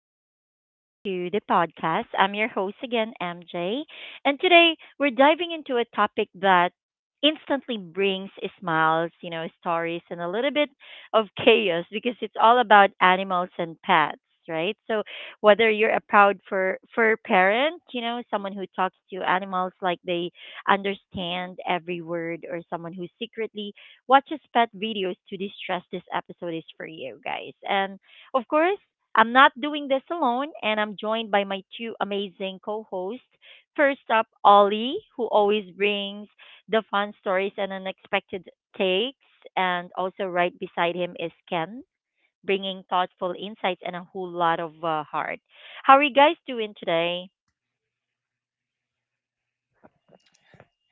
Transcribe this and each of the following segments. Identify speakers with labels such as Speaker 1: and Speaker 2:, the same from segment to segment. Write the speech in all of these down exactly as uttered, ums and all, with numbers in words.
Speaker 1: and welcome back to the podcast. I'm your host again, M J. And today we're diving into a topic that instantly brings smiles, you know, stories, and a little bit of chaos because it's all about animals and pets, right? So, whether you're a proud fur, fur parent, you know, someone who talks to animals like they understand every word, or someone who secretly watches pet videos to distress, this episode is for you guys. And of course, I'm not doing this alone, and I'm joined by my two amazing co hosts. First up, Ollie, who always brings the fun stories and unexpected takes. And also, right beside him is Ken, bringing thoughtful insights and a whole lot of uh, heart. How are you guys doing today?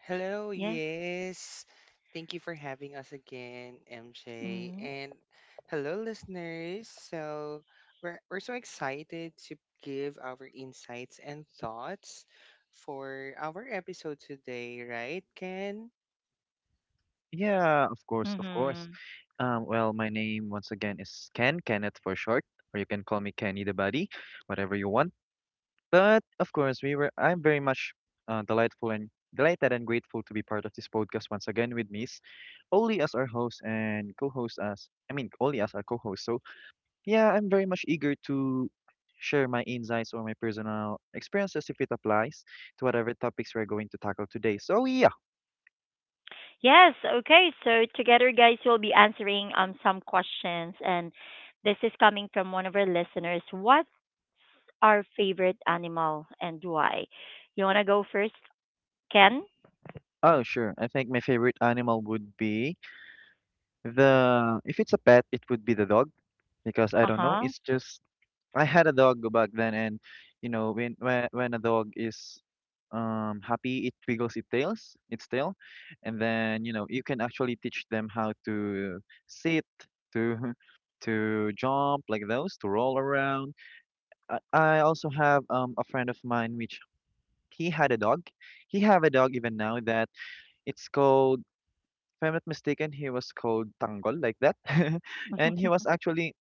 Speaker 2: Hello,
Speaker 1: Yeah.
Speaker 2: yes. Thank you for having us again, M J.
Speaker 1: Mm-hmm.
Speaker 2: And hello, listeners. So, we're, we're so excited to give our insights and thoughts for our episode today, right, Ken?
Speaker 3: Yeah, of course, of course.
Speaker 1: Mm-hmm.
Speaker 3: Um, well, my name once again is Ken, Kenneth for short, or you can call me Kenny the Buddy, whatever you want. But of course, we were. I'm very much uh, delightful and delighted and grateful to be part of this podcast once again with Miss Oli as our host and co-host, as I mean Oli as our co-host. So yeah, I'm very much eager to share my insights or my personal experiences if it applies to whatever topics we're going to tackle today. So yeah,
Speaker 1: Yes, okay. So together guys we'll be answering um some questions, and this is coming from one of our listeners. What's our favorite animal and why? You wanna go first, Ken?
Speaker 3: oh sure. I think my favorite animal would be. The If it's a pet, it would be the dog because I don't know.
Speaker 1: Uh-huh.
Speaker 3: It's just I had a dog back then, and you know when when when a dog is um happy, it wiggles its tails, its tail, and then you know you can actually teach them how to sit, to to jump like those, to roll around. I, I also have um a friend of mine which he had a dog. He have a dog even now that it's called, if I'm not mistaken, he was called Tanggol, like that. and he was actually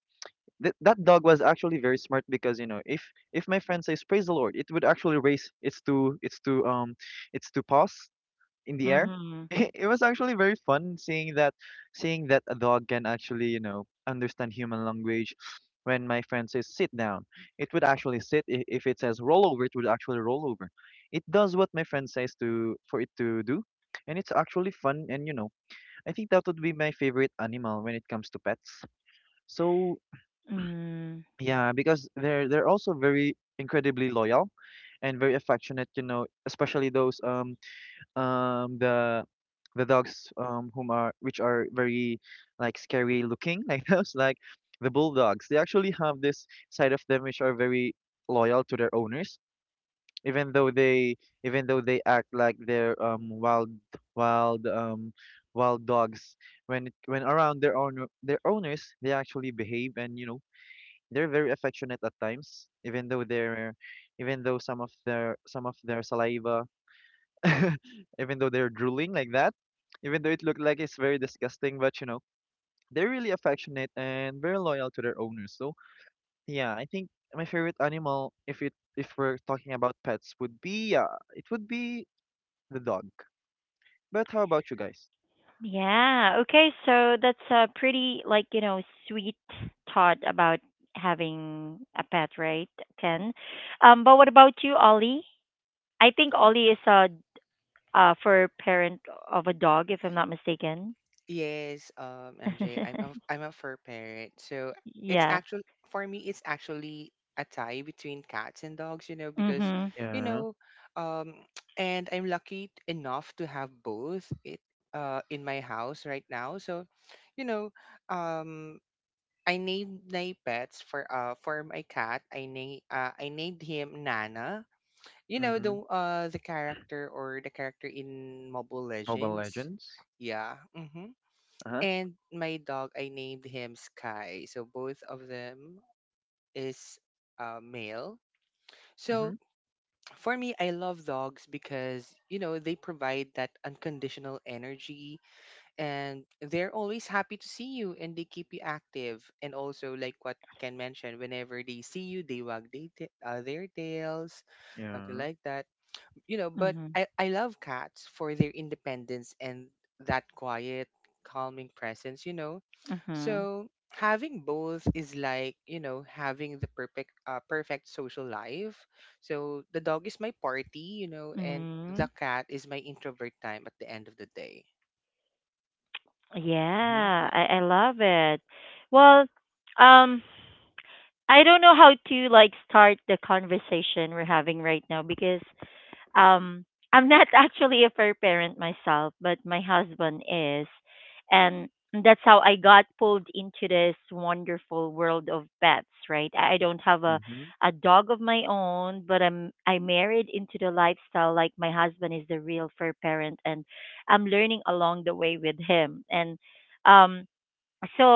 Speaker 3: th- that dog was actually very smart because you know if if my friend says praise the Lord, it would actually raise its two its two um its two paws in the air.
Speaker 1: Mhm.
Speaker 3: It was actually very fun seeing that seeing that a dog can actually you know understand human language. When my friend says sit down, it would actually sit. I- If it says roll over, it would actually roll over. It does what my friend says to for it to do, and it's actually fun and you know I think that would be my favorite animal when it comes to pets. So
Speaker 1: Mm.
Speaker 3: yeah, because they're they're also very incredibly loyal and very affectionate, you know, especially those um um the the dogs um whom are which are very like scary looking, like those, like the bulldogs. They actually have this side of them which are very loyal to their owners, even though they even though they act like they're um wild wild um wild dogs. When it, when around their own their owners, they actually behave, and you know they're very affectionate at times, even though they're even though some of their some of their saliva, even though they're drooling like that, even though it looked like it's very disgusting, but you know they're really affectionate and very loyal to their owners. So yeah, I think my favorite animal, if it if we're talking about pets, would be, yeah, it would be the dog. But how about you guys?
Speaker 1: Yeah. Okay, so that's a pretty, like, you know, sweet thought about having a pet, right, Ken? Um, but what about you, Ollie? I think Ollie is a uh for parent of a dog if I'm not mistaken.
Speaker 2: Yes, um, M J, I'm a, I'm a fur parent, so it's
Speaker 1: Yeah.
Speaker 2: actually for me, it's actually a tie between cats and dogs, you know, because
Speaker 1: Mhm.
Speaker 2: you
Speaker 3: Yeah.
Speaker 2: know, um, and I'm lucky enough to have both it uh in my house right now. So, you know, um, I named my pets for uh for my cat. I named uh, I named him Nana. You know
Speaker 3: Mm-hmm.
Speaker 2: the uh the character or the character in Mobile
Speaker 3: Mobile
Speaker 2: Legends.
Speaker 3: Legends.
Speaker 2: Yeah. Mm-hmm.
Speaker 3: Uh-huh.
Speaker 2: And my dog I named him Sky, so both of them is uh, male. So
Speaker 3: Mm-hmm.
Speaker 2: for me I love dogs because you know they provide that unconditional energy, and they're always happy to see you, and they keep you active, and also like what Ken mentioned, whenever they see you they wag they ta- uh, their tails, something
Speaker 3: Yeah.
Speaker 2: like that, you know. But
Speaker 1: Mhm.
Speaker 2: I, I love cats for their independence and that quiet, calming presence, you know.
Speaker 1: Mhm.
Speaker 2: So having both is like, you know, having the perfect uh, perfect social life. So the dog is my party, you know, and the
Speaker 1: Mhm.
Speaker 2: cat is my introvert time at the end of the day.
Speaker 3: Mhm.
Speaker 1: Yeah, I I love it. Well, um I don't know how to like start the conversation we're having right now because Um, I'm not actually a fair parent myself, but my husband is. And that's how I got pulled into this wonderful world of pets, right? I I don't have a,
Speaker 3: Mhm.
Speaker 1: a dog of my own, but I'm I married into the lifestyle like my husband is the real fair parent, and I'm learning along the way with him. And um so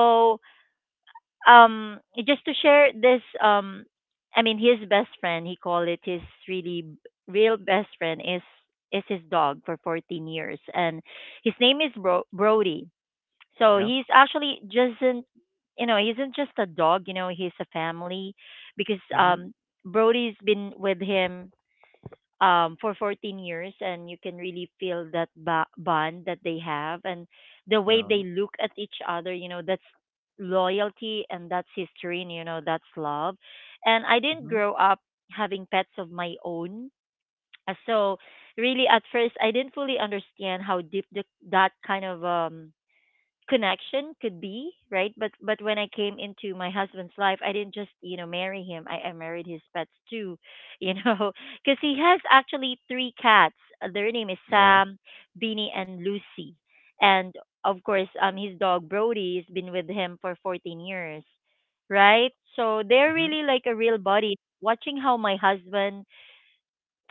Speaker 1: um just to share this, um I mean his best friend, he called it his really b- real best friend is is his dog for fourteen years, and his name is Bro- brody. So
Speaker 3: Yeah.
Speaker 1: he's actually just not, you know, he isn't just a dog, you know, he's a family, because
Speaker 3: Mhm.
Speaker 1: um brody's been with him, um, for fourteen years, and you can really feel that ba- bond that they have and the way
Speaker 3: Yeah.
Speaker 1: they look at each other. You know, that's loyalty and that's history, and you know, that's love. And I didn't
Speaker 3: Mhm.
Speaker 1: grow up having pets of my own. Uh, So, really, at first, I didn't fully understand how deep the, that kind of um, connection could be, right? but but when I came into my husband's life, I didn't just, you know, marry him. i, I married his pets too, you know, because he has actually three cats. Uh, their name is
Speaker 3: Yeah.
Speaker 1: sam, beanie, and lucy, and of course um his dog brody has been with him for fourteen years, right? So they're
Speaker 3: Mhm.
Speaker 1: really like a real body. Watching how my husband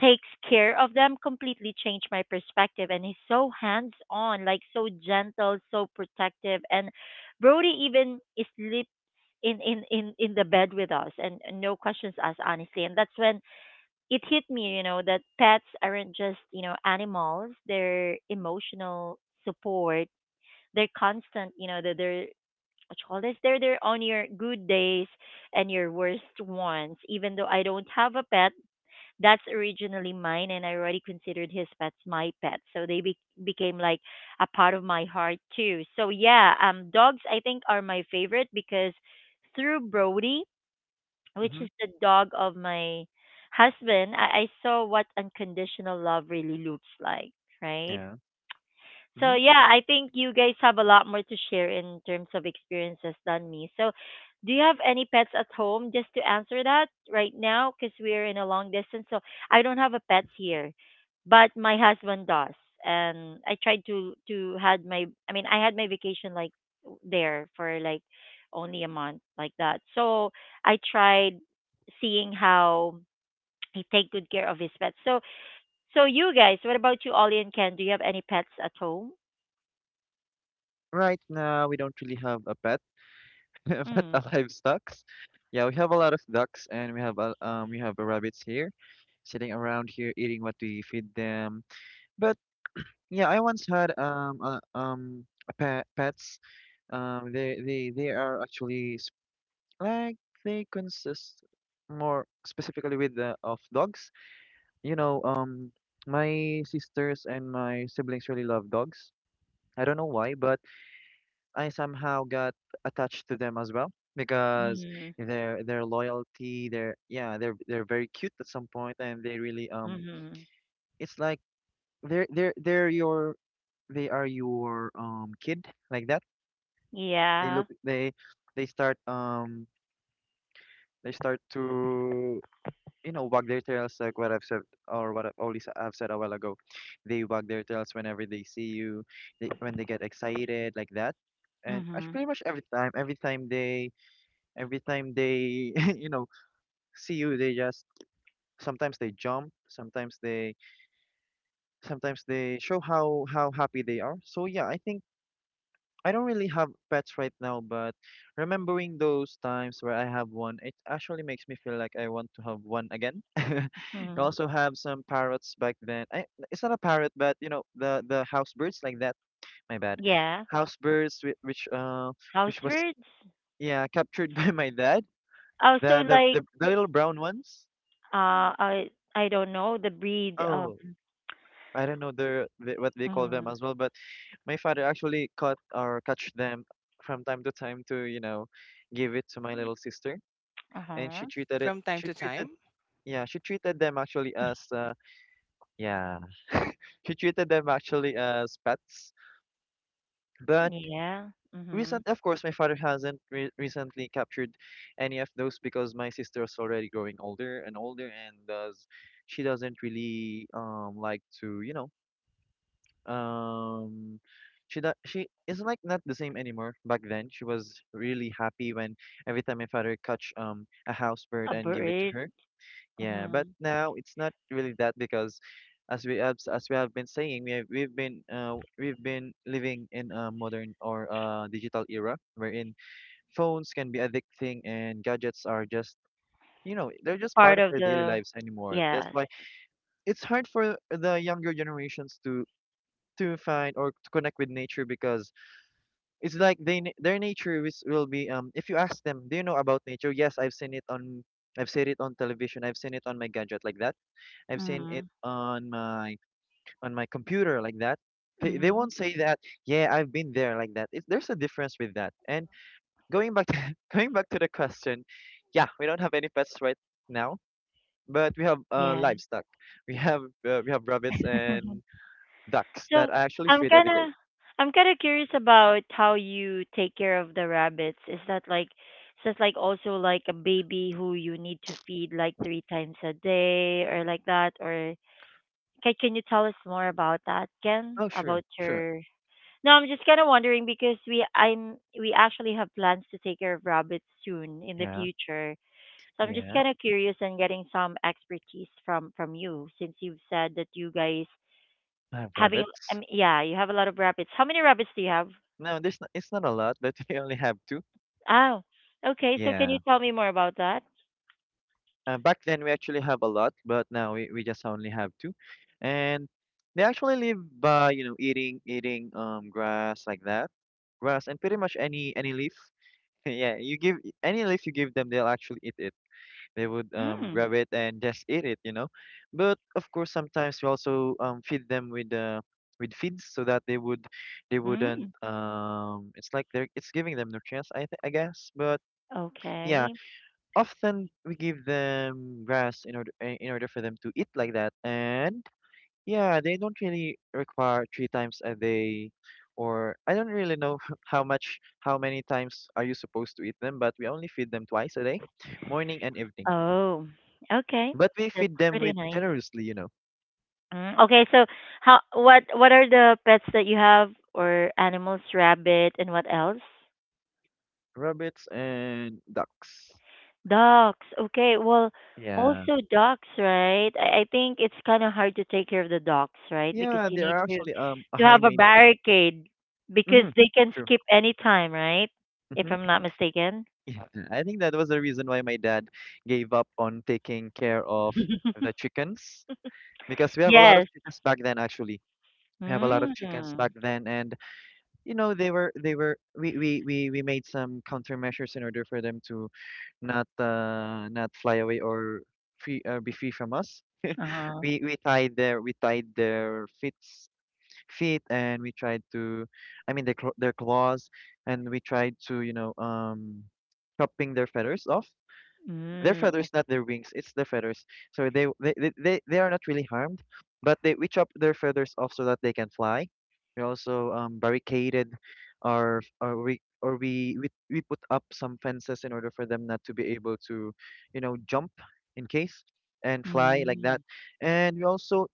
Speaker 1: takes care of them completely changed my perspective, and he's so hands on, like so gentle, so protective, and brody even sleeps in, in in in the bed with us, and and no questions asked, honestly. And that's when it hit me, you know, that pets aren't just, you know, animals. They're emotional support. They're constant, you know, they're, they're what you call this, they're there on your good days and your worst ones. Even though I don't have a pet that's originally mine, and I already considered his pets my pets, so they be- became like a part of my heart too. So yeah, um dogs I think are my favorite because through Brody, which
Speaker 3: Mhm.
Speaker 1: is the dog of my husband, I, I saw what unconditional love really looks like, right?
Speaker 3: Yeah. Mm-hmm.
Speaker 1: So yeah, I think you guys have a lot more to share in terms of experiences than me. So do you have any pets at home? Just to answer that right now, because we're in a long distance, so I don't have a pets here, but my husband does, and I tried to to had my I mean I had my vacation like there for like only a month like that. So I tried seeing how he take good care of his pets. So so you guys, what about you, Ollie and Ken? Do you have any pets at home?
Speaker 3: Right now, we don't really have a pet, but
Speaker 1: Mm.
Speaker 3: a livestock. Yeah, we have a lot of ducks, and we have a um, we have rabbits here sitting around here eating what we feed them. But yeah, I once had um a, um a pet pets. Um, they they they are actually s- like they consist, more specifically, with the of dogs. You know, um, my sisters and my siblings really love dogs. I don't know why, but I somehow got attached to them as well because
Speaker 1: Mhm.
Speaker 3: their their loyalty, their, yeah, they're they're very cute at some point, and they really, um,
Speaker 1: Mhm.
Speaker 3: it's like they're they're they're your they are your um kid like that. they
Speaker 1: Yeah.
Speaker 3: look they they start um they start to you know wag their tails like what I've said, or what I've only s- I've said a while ago. They wag their tails whenever they see you, they, when they get excited like that. And actually
Speaker 1: Mhm.
Speaker 3: pretty much every time, every time they, every time they, you know, see you, they just sometimes they jump, sometimes they, sometimes they show how how happy they are. So yeah, I think I don't really have pets right now, but remembering those times where I have one, it actually makes me feel like I want to have one again. I
Speaker 1: Mhm.
Speaker 3: also have some parrots back then. I, it's not a parrot, but you know the the house birds like that. My bad,
Speaker 1: Yeah.
Speaker 3: house birds whi- which uh
Speaker 1: House
Speaker 3: which was,
Speaker 1: birds.
Speaker 3: yeah, captured by my dad.
Speaker 1: Oh, so
Speaker 3: The the
Speaker 1: like
Speaker 3: the, the little brown ones.
Speaker 1: uh I I don't know the breed um
Speaker 3: Oh. I don't know their, the, what they call them
Speaker 1: mm,
Speaker 3: as well, but my father actually caught or catch them from time to time to, you know, give it to my little sister, and she
Speaker 1: uh-huh.
Speaker 3: treated it
Speaker 2: From time
Speaker 3: she
Speaker 2: to
Speaker 3: treated
Speaker 2: time,
Speaker 3: yeah she treated them actually as uh, yeah she treated them actually as pets. But
Speaker 1: Yeah. Mhm.
Speaker 3: recent, of course, my father hasn't re- recently captured any of those because my sister's already growing older and older, and does she doesn't really um like to you know um she do- she is like not the same anymore. Back then she was really happy when every time my father catch um a house bird
Speaker 1: A
Speaker 3: and give it to
Speaker 1: bird.
Speaker 3: her. Yeah, but
Speaker 1: Mhm.
Speaker 3: now it's not really that because as we have, as we have been saying, we have, we've been uh, we've been living in a modern or uh digital era, wherein phones can be addicting and gadgets are just you know they're just part
Speaker 1: Part
Speaker 3: of
Speaker 1: of
Speaker 3: our daily
Speaker 1: the
Speaker 3: lives anymore. That's
Speaker 1: yes.
Speaker 3: why it's hard for the younger generations to to find or to connect with nature because it's like they na- their nature is, will be, um if you ask them, do you know about nature? Yes, I've seen it on I've seen it on television. I've seen it on my gadget like that, I've seen it
Speaker 1: Mhm.
Speaker 3: on my on my computer like that. They, they
Speaker 1: Mhm.
Speaker 3: won't say that, yeah, I've been there like that. It, there's a difference with that. And going back to, going back to the question, yeah, we don't have any pets right now, but we have, uh,
Speaker 1: Yeah.
Speaker 3: livestock. We have uh, we have rabbits and ducks
Speaker 1: So
Speaker 3: that I actually
Speaker 1: I'm
Speaker 3: feed every day.
Speaker 1: kinda I'm kinda curious about how you take care of the rabbits. Is that like is that like also like a baby who you need to feed like three times a day or like that? Or can can you tell us more about that, Ken?
Speaker 3: Oh, sure,
Speaker 1: About
Speaker 3: sure.
Speaker 1: your No, I'm just kinda wondering because we I'm we actually have plans to take care of rabbits soon in the
Speaker 3: Yeah,
Speaker 1: future. So I'm just
Speaker 3: yeah.
Speaker 1: kinda curious and getting some expertise from from you since you've said that you guys
Speaker 3: I have
Speaker 1: having,
Speaker 3: rabbits.
Speaker 1: um, yeah, you have a lot of rabbits. How many rabbits do you have?
Speaker 3: No, there's not, it's not a lot, but we only have two.
Speaker 1: Oh, okay. So can you
Speaker 3: Yeah.
Speaker 1: tell me more about that?
Speaker 3: Uh, back then we actually have a lot, but now we, we just only have two. And they actually live by, you know, eating eating um grass like that. Grass and pretty much any any leaf. Yeah, you give any leaf you give them, they'll actually eat it. They would um
Speaker 1: Mm.
Speaker 3: grab it and just eat it, you know. But of course, sometimes we also um feed them with uh with feeds so that they would they wouldn't,
Speaker 1: Mm.
Speaker 3: um it's like they're it's giving them nutrients, I th- I guess. But yeah,
Speaker 1: Okay.
Speaker 3: often we give them grass in order, eh, in order for them to eat like that. And yeah, they don't really require three times a day, or I don't really know how much how many times are you supposed to eat them, but we only feed them twice a day, morning and evening.
Speaker 1: Oh, okay.
Speaker 3: But we
Speaker 1: That's
Speaker 3: feed them
Speaker 1: pretty
Speaker 3: with
Speaker 1: nice.
Speaker 3: generously you know
Speaker 1: Mm, okay, so how what what are the pets that you have, or animals, rabbit and what else?
Speaker 3: Rabbits and ducks.
Speaker 1: Ducks. Okay. Well,
Speaker 3: Yeah,
Speaker 1: also ducks, right? I, I think it's kind of hard to take care of the ducks, right? Because
Speaker 3: yeah,
Speaker 1: you
Speaker 3: they are
Speaker 1: need to
Speaker 3: actually um a
Speaker 1: to
Speaker 3: high
Speaker 1: have a
Speaker 3: maintenance.
Speaker 1: barricade because
Speaker 3: Mm-hmm.
Speaker 1: they can
Speaker 3: True.
Speaker 1: skip any time, right? If
Speaker 3: Mm-hmm.
Speaker 1: I'm not mistaken.
Speaker 3: Yeah, I think that was the reason why my dad gave up on taking care of the chickens because we have a lot of
Speaker 1: Yes.
Speaker 3: chickens back then actually. We have a lot of chickens
Speaker 1: Mm.
Speaker 3: back then, and you know they were they were we we we, we made some countermeasures in order for them to not uh not fly away, or free uh, be free from us.
Speaker 1: Uh-huh.
Speaker 3: We we tied their we tied their feet, feet and we tried to, I mean, their cl- their claws, and we tried to you know um chopping their feathers off. Their
Speaker 1: Mm.
Speaker 3: feathers,
Speaker 1: ok-
Speaker 3: not their wings. It's their feathers. So they they they, they they are not really harmed, but they we chop their feathers off so that they can fly. We also um barricaded, or or we or we, we we put up some fences in order for them not to be able to, you know, jump, in case, and fly like that.
Speaker 1: Mm.
Speaker 3: And we also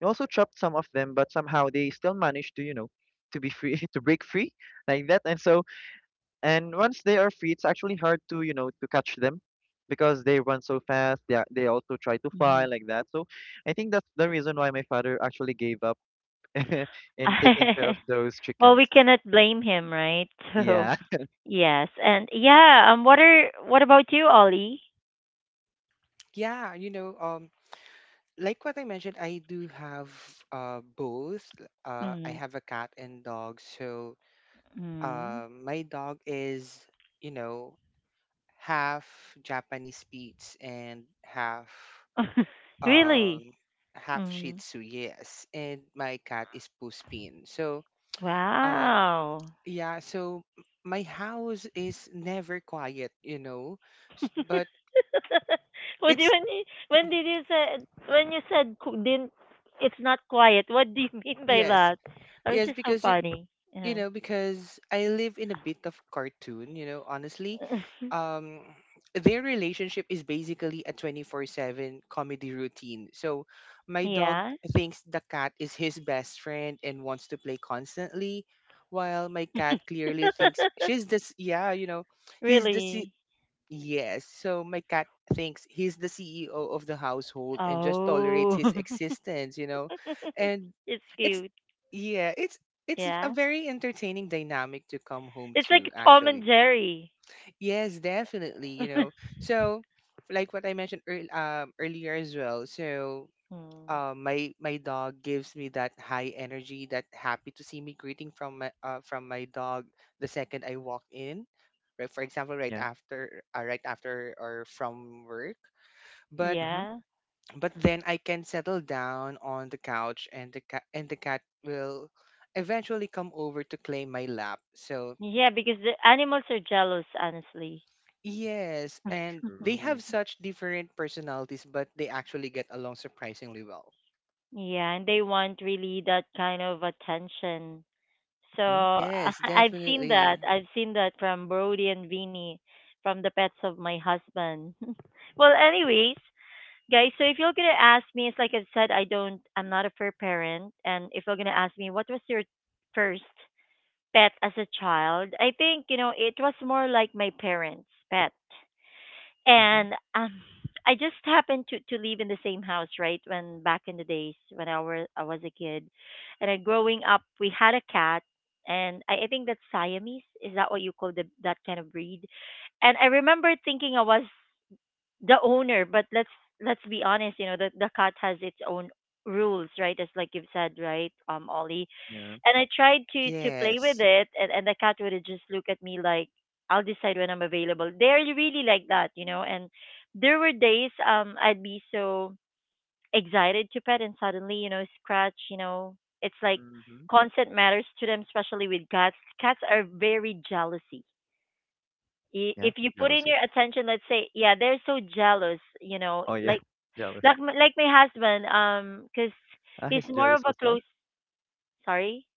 Speaker 3: we also chopped some of them, but somehow they still managed to, you know, to be free, to break free like that. And so and once they are free, it's actually hard to, you know, to catch them because they run so fast. They, are- they also try to fly
Speaker 1: Mhm.
Speaker 3: like that. So I think that's the reason why my father actually gave up in taking care of those
Speaker 1: Well, we
Speaker 3: chickens.
Speaker 1: cannot blame him, right?
Speaker 3: Yeah.
Speaker 1: So, yes. And yeah, um what are what about you, Ollie?
Speaker 2: yeah, you know, um like what I mentioned, I do have uh both. Uh I
Speaker 1: Mm.
Speaker 2: have a cat and dog. So
Speaker 1: Mm.
Speaker 2: Um, my dog is, you know, half Japanese Spitz and half
Speaker 1: Really?
Speaker 2: um half Shih
Speaker 1: Mm.
Speaker 2: Tzu, yes. And my cat is Puspin. So, uh,
Speaker 1: Wow.
Speaker 2: yeah. So m- my house is never quiet, you know, s- but
Speaker 1: What do you,
Speaker 2: it's
Speaker 1: when you, when did you said when you said co- didn't it's not quiet? What do you mean by
Speaker 2: yes,
Speaker 1: that? I was
Speaker 2: yes
Speaker 1: just so
Speaker 2: because it,
Speaker 1: funny.
Speaker 2: you
Speaker 1: Yeah.
Speaker 2: know, because I live in a bit of cartoon, you know, honestly. um their relationship is basically a twenty four seven comedy routine. So my dog
Speaker 1: Yeah.
Speaker 2: thinks the cat is his best friend and wants to play constantly, while my cat clearly thinks she's this yeah you know he's the
Speaker 1: Really?
Speaker 2: Yes. So my cat thinks he's the C E O of the household and just tolerates
Speaker 1: Oh.
Speaker 2: his existence, you know. And
Speaker 1: It's
Speaker 2: it's
Speaker 1: cute.
Speaker 2: yeah, it's it's a
Speaker 1: Yeah.
Speaker 2: very entertaining dynamic to come home
Speaker 1: It's like
Speaker 2: to,
Speaker 1: Tom and
Speaker 2: actually.
Speaker 1: Jerry.
Speaker 2: Yes, definitely, you know. So like what I mentioned earl um, earlier as well. So
Speaker 1: Mm.
Speaker 2: uh, my my dog gives me that high energy, that happy to see me greeting from my uh, from my dog the second I walk in. Right, for example, right
Speaker 3: Yeah.
Speaker 2: after uh, right after or from work. But
Speaker 3: Mm-hmm.
Speaker 1: Yeah.
Speaker 2: but then I can settle down on the couch, and the cat and the cat will eventually come over to claim my lap. So
Speaker 1: Yeah, because the animals are jealous, honestly.
Speaker 2: yes, and they
Speaker 3: True.
Speaker 2: have such different personalities, but they actually get along surprisingly well.
Speaker 1: Yeah, and they want really that kind of attention. So
Speaker 3: Mm-hmm.
Speaker 2: Yes,
Speaker 1: I've seen that.
Speaker 2: definitely.
Speaker 1: I've seen that from Brody and Vinny, from the pets of my husband. Well, anyways, guys, so if you're gonna ask me, it's like I said, I don't, I'm not a fur parent. And if you're gonna ask me, what was your first pet as a child? I think you know it was more like my parents' pet,
Speaker 3: Mm-hmm.
Speaker 1: and um, I just happened to to live in the same house right when back in the days when I were I was a kid, and I, growing up we had a cat, and I, I think that's Siamese. Is that what you call the that kind of breed? And I remember thinking I was the owner, but let's let's be honest, you know, the the cat has its own rules, right? As like you've said, right, um, Ollie,
Speaker 3: Yeah.
Speaker 1: and I tried to to play with
Speaker 2: Yes.
Speaker 1: it, and and the cat would just look at me like, "I'll decide when I'm available." They're really like that, you know. And there were days um I'd be so excited to pet, and suddenly you know scratch, you know, it's like
Speaker 3: Mm-hmm.
Speaker 1: consent matters to them, especially with cats. Cats are very jealousy. I-
Speaker 3: Yeah.
Speaker 1: If you put in
Speaker 3: Jealousy.
Speaker 1: your attention, let's say, yeah, they're so jealous, you know,
Speaker 3: Oh, yeah.
Speaker 1: like
Speaker 3: Jealous.
Speaker 1: like m- like my husband, um, because
Speaker 3: Ah,
Speaker 1: he's
Speaker 3: he's
Speaker 1: more of
Speaker 3: jealous
Speaker 1: a
Speaker 3: as well?
Speaker 1: close. Sorry.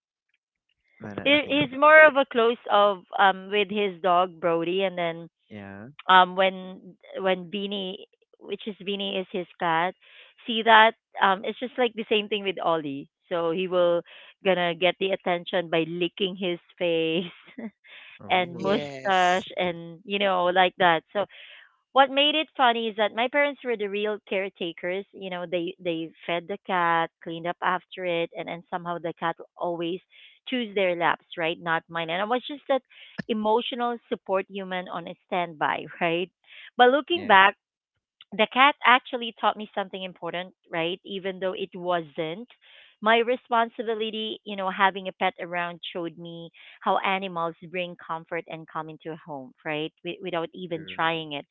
Speaker 3: No, no, nothing,
Speaker 1: He- he's
Speaker 3: nothing.
Speaker 1: more of a close of um with his dog Brody, and then
Speaker 3: Yeah.
Speaker 1: um when when Beanie, which is Beanie, is his cat. See that um it's just like the same thing with Ollie. So he will gonna get the attention by licking his face and
Speaker 3: Oh,
Speaker 2: Yes.
Speaker 1: mustache and you know like that. So what made it funny is that my parents were the real caretakers. You know, they they fed the cat, cleaned up after it, and and somehow the cat always choose their laps, right? Not mine. And I was just that emotional support human on a standby, right? But looking
Speaker 3: yeah.
Speaker 1: back, the cat actually taught me something important, right? Even though it wasn't my responsibility, you know, having a pet around showed me how animals bring comfort and calm into a home, right? Wi- without even
Speaker 3: True.
Speaker 1: trying it,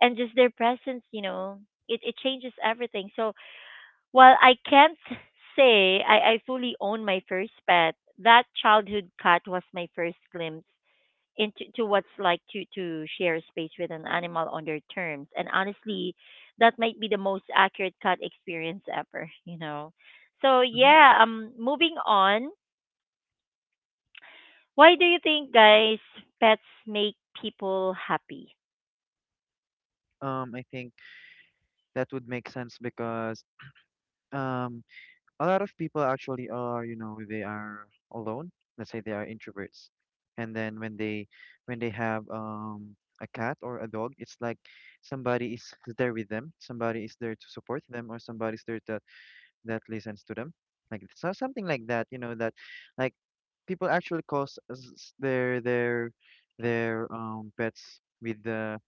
Speaker 1: and just their presence, you know, it, it changes everything. So while I can't say I, I fully own my first pet, that childhood cat was my first glimpse into to what's like to, to share space with an animal on their terms. And honestly, that might be the most accurate cat experience ever, you know. So
Speaker 3: Mm-hmm.
Speaker 1: yeah, um moving on. Why do you think guys pets make people happy?
Speaker 3: Um, I think that would make sense because um a lot of people actually are you know they are alone. Let's say they are introverts, and then when they when they have um a cat or a dog, it's like somebody is there with them, somebody is there to support them, or somebody's there that that listens to them, like, so something like that, you know. That like People actually cause s- s- their their their um pets with the—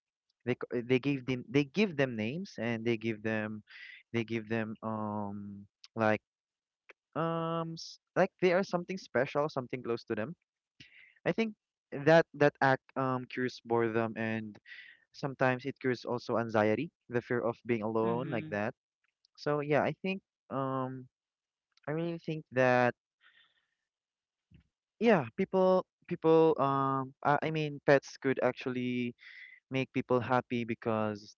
Speaker 3: they c- they give them— they give them names, and they give them they give them um like um s- like they are something special, something close to them. I think that that act um cures boredom, and sometimes it cures also anxiety, the fear of being alone like
Speaker 1: Mm-hmm.
Speaker 3: that. So yeah, I think um I really think that yeah, people people um I, I mean pets could actually make people happy because,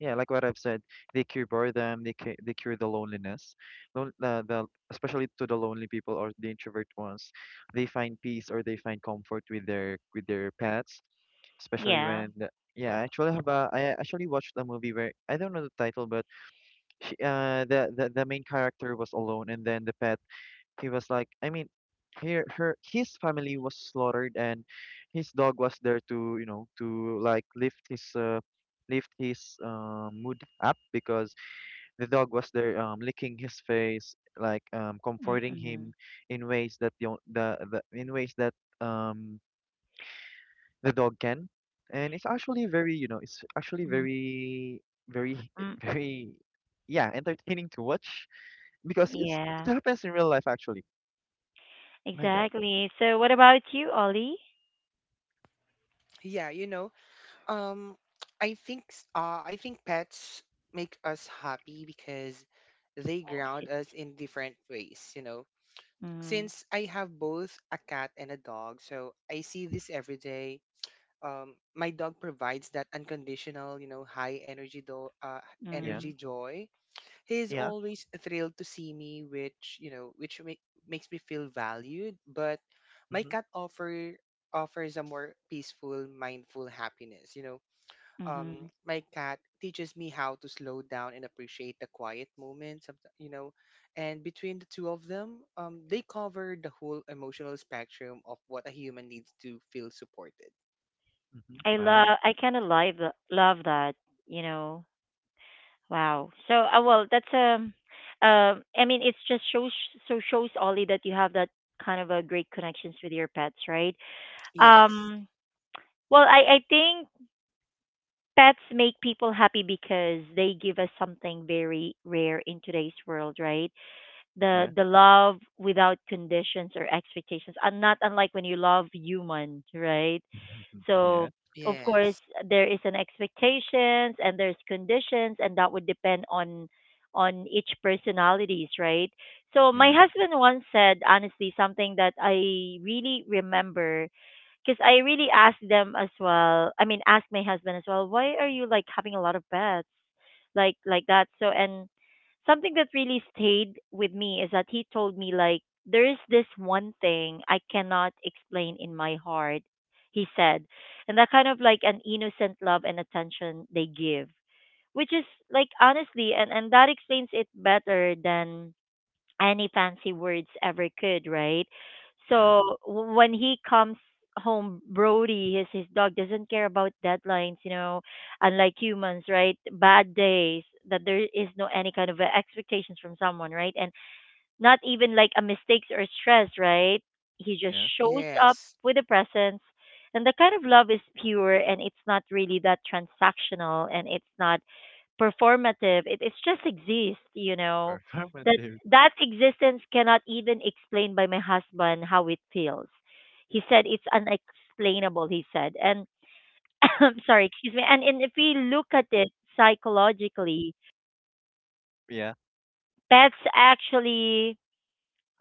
Speaker 3: yeah, like what I've said, they cure boredom, they cure, they cure the loneliness. Lon- the, the, especially to the lonely people or the introvert ones, they find peace or they find comfort with their with their pets, especially
Speaker 1: Yeah.
Speaker 3: when the— yeah, I actually have a— I actually watched a movie where I don't know the title, but she, uh, the, the the main character was alone, and then the pet, he was like, I mean, her, her, his family was slaughtered, and his dog was there to, you know, to like lift his, uh, lift his uh, mood up because the dog was there, um, licking his face, like, um, comforting
Speaker 1: Mm-mm.
Speaker 3: him in ways that the— on- the, the— in ways that um the dog can, and it's actually very, you know, it's actually very, very,
Speaker 1: Mm-mm.
Speaker 3: very, yeah, entertaining to watch because it's— it
Speaker 1: Yeah,
Speaker 3: happens in real life actually. My bad.
Speaker 1: exactly. So what about you, Ollie?
Speaker 2: Yeah, you know, um I think s- uh I think pets make us happy because they ground us in different ways, you know.
Speaker 1: Mm-hmm.
Speaker 2: Since I have both a cat and a dog, so I see this every day. Um my dog provides that unconditional, you know, high energy do- uh
Speaker 3: Yeah.
Speaker 1: Mm-hmm.
Speaker 2: energy joy. He's
Speaker 3: Yeah.
Speaker 2: always thrilled to see me, which you know, which make, makes me feel valued. But my
Speaker 3: Mhm,
Speaker 2: cat offer offers a more peaceful, mindful happiness. You know,
Speaker 1: Mm-hmm.
Speaker 2: um, my cat teaches me how to slow down and appreciate the quiet moments. Of, the- you know, and between the two of them, um, they cover the whole emotional spectrum of what a human needs to feel supported.
Speaker 3: mhm.
Speaker 1: I
Speaker 3: Wow.
Speaker 1: love I kind of love tha- love that, you know. Wow. So, uh, well, that's, um um I mean, it's just shows so shows Ollie that you have that kind of a great connections with your pets, right?
Speaker 2: Yes,
Speaker 1: Um well, I I think pets make people happy because they give us something very rare in today's world, right? the
Speaker 3: Yeah.
Speaker 1: the love without conditions or expectations, and not unlike when you love human, right?
Speaker 3: Yeah,
Speaker 1: So of course
Speaker 2: yes,
Speaker 1: there is an expectations and there's conditions, and that would depend on on each personalities, right? So my
Speaker 3: yeah,
Speaker 1: husband once said honestly something that I really remember, because I really asked them as well. I mean, asked my husband as well. Why are you like having a lot of pets, like like that? So, and something that really stayed with me is that he told me, like, there is this one thing I cannot explain in my heart. He said, and that kind of like an innocent love and attention they give, which is, like, honestly, and and that explains it better than any fancy words ever could, right?
Speaker 3: yeah,
Speaker 1: So w- when he comes home, Brody, his his dog doesn't care about deadlines, you know, unlike humans, right? Bad days, that there is no any kind of uh, expectations from someone, right? And not even like a mistakes or stress, right? He just
Speaker 3: yeah.
Speaker 1: shows up
Speaker 2: yes,
Speaker 1: with a presence. And the kind of love is pure, and it's not really that transactional, and it's not performative. It it's just exists, you know. That
Speaker 3: Performative.
Speaker 1: that existence cannot even explain by my husband how it feels. He said it's unexplainable, he said. And I'm sorry, excuse me. And and if we look at it psychologically,
Speaker 3: Yeah,
Speaker 1: pets actually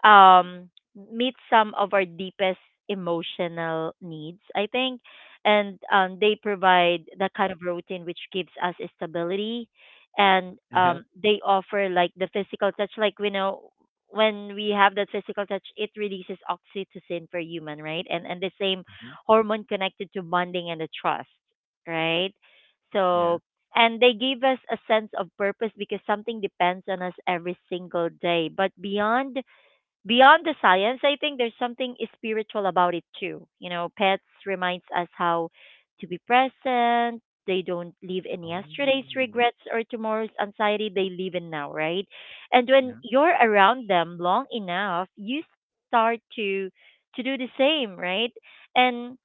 Speaker 1: um meet some of our deepest emotional needs, I think. And um they provide that kind of routine which gives us stability. And
Speaker 3: yeah.
Speaker 1: um they offer like the physical touch. Like, we know when we have that physical touch it releases oxytocin for human, right? And and the same
Speaker 3: Hmm.
Speaker 1: hormone connected to bonding and the trust, right?
Speaker 3: Yeah.
Speaker 1: So, and they give us a sense of purpose because something depends on us every single day. But beyond beyond the science, I think there's something spiritual about it too. You know, pets reminds us how to be present. They don't live in
Speaker 3: Oh.
Speaker 1: yesterday's regrets or tomorrow's anxiety. They live in now, right? And when
Speaker 3: Yeah,
Speaker 1: you're around them long enough, you start to to do the same, right? And,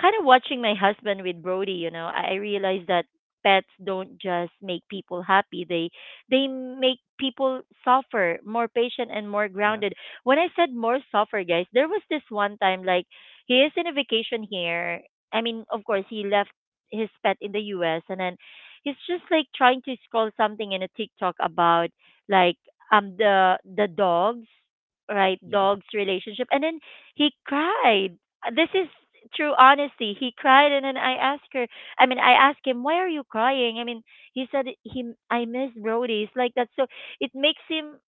Speaker 1: kind of watching my husband with Brody, you know, I I realized that pets don't just make people happy. They they make people suffer, more patient and more
Speaker 3: yeah,
Speaker 1: grounded. When I said more suffer, guys, there was this one time, like, he is in a vacation here. I mean, of course, he left his pet in the U S, and then he's just like trying to scroll something in a TikTok about, like, um the the dogs, right?
Speaker 3: yeah.
Speaker 1: Dogs relationship, and then he cried. This is true honesty. He cried, and then I asked her. I mean, I asked him, "Why are you crying?" I mean, he said, he, "I miss Brody." It's like that. So it makes him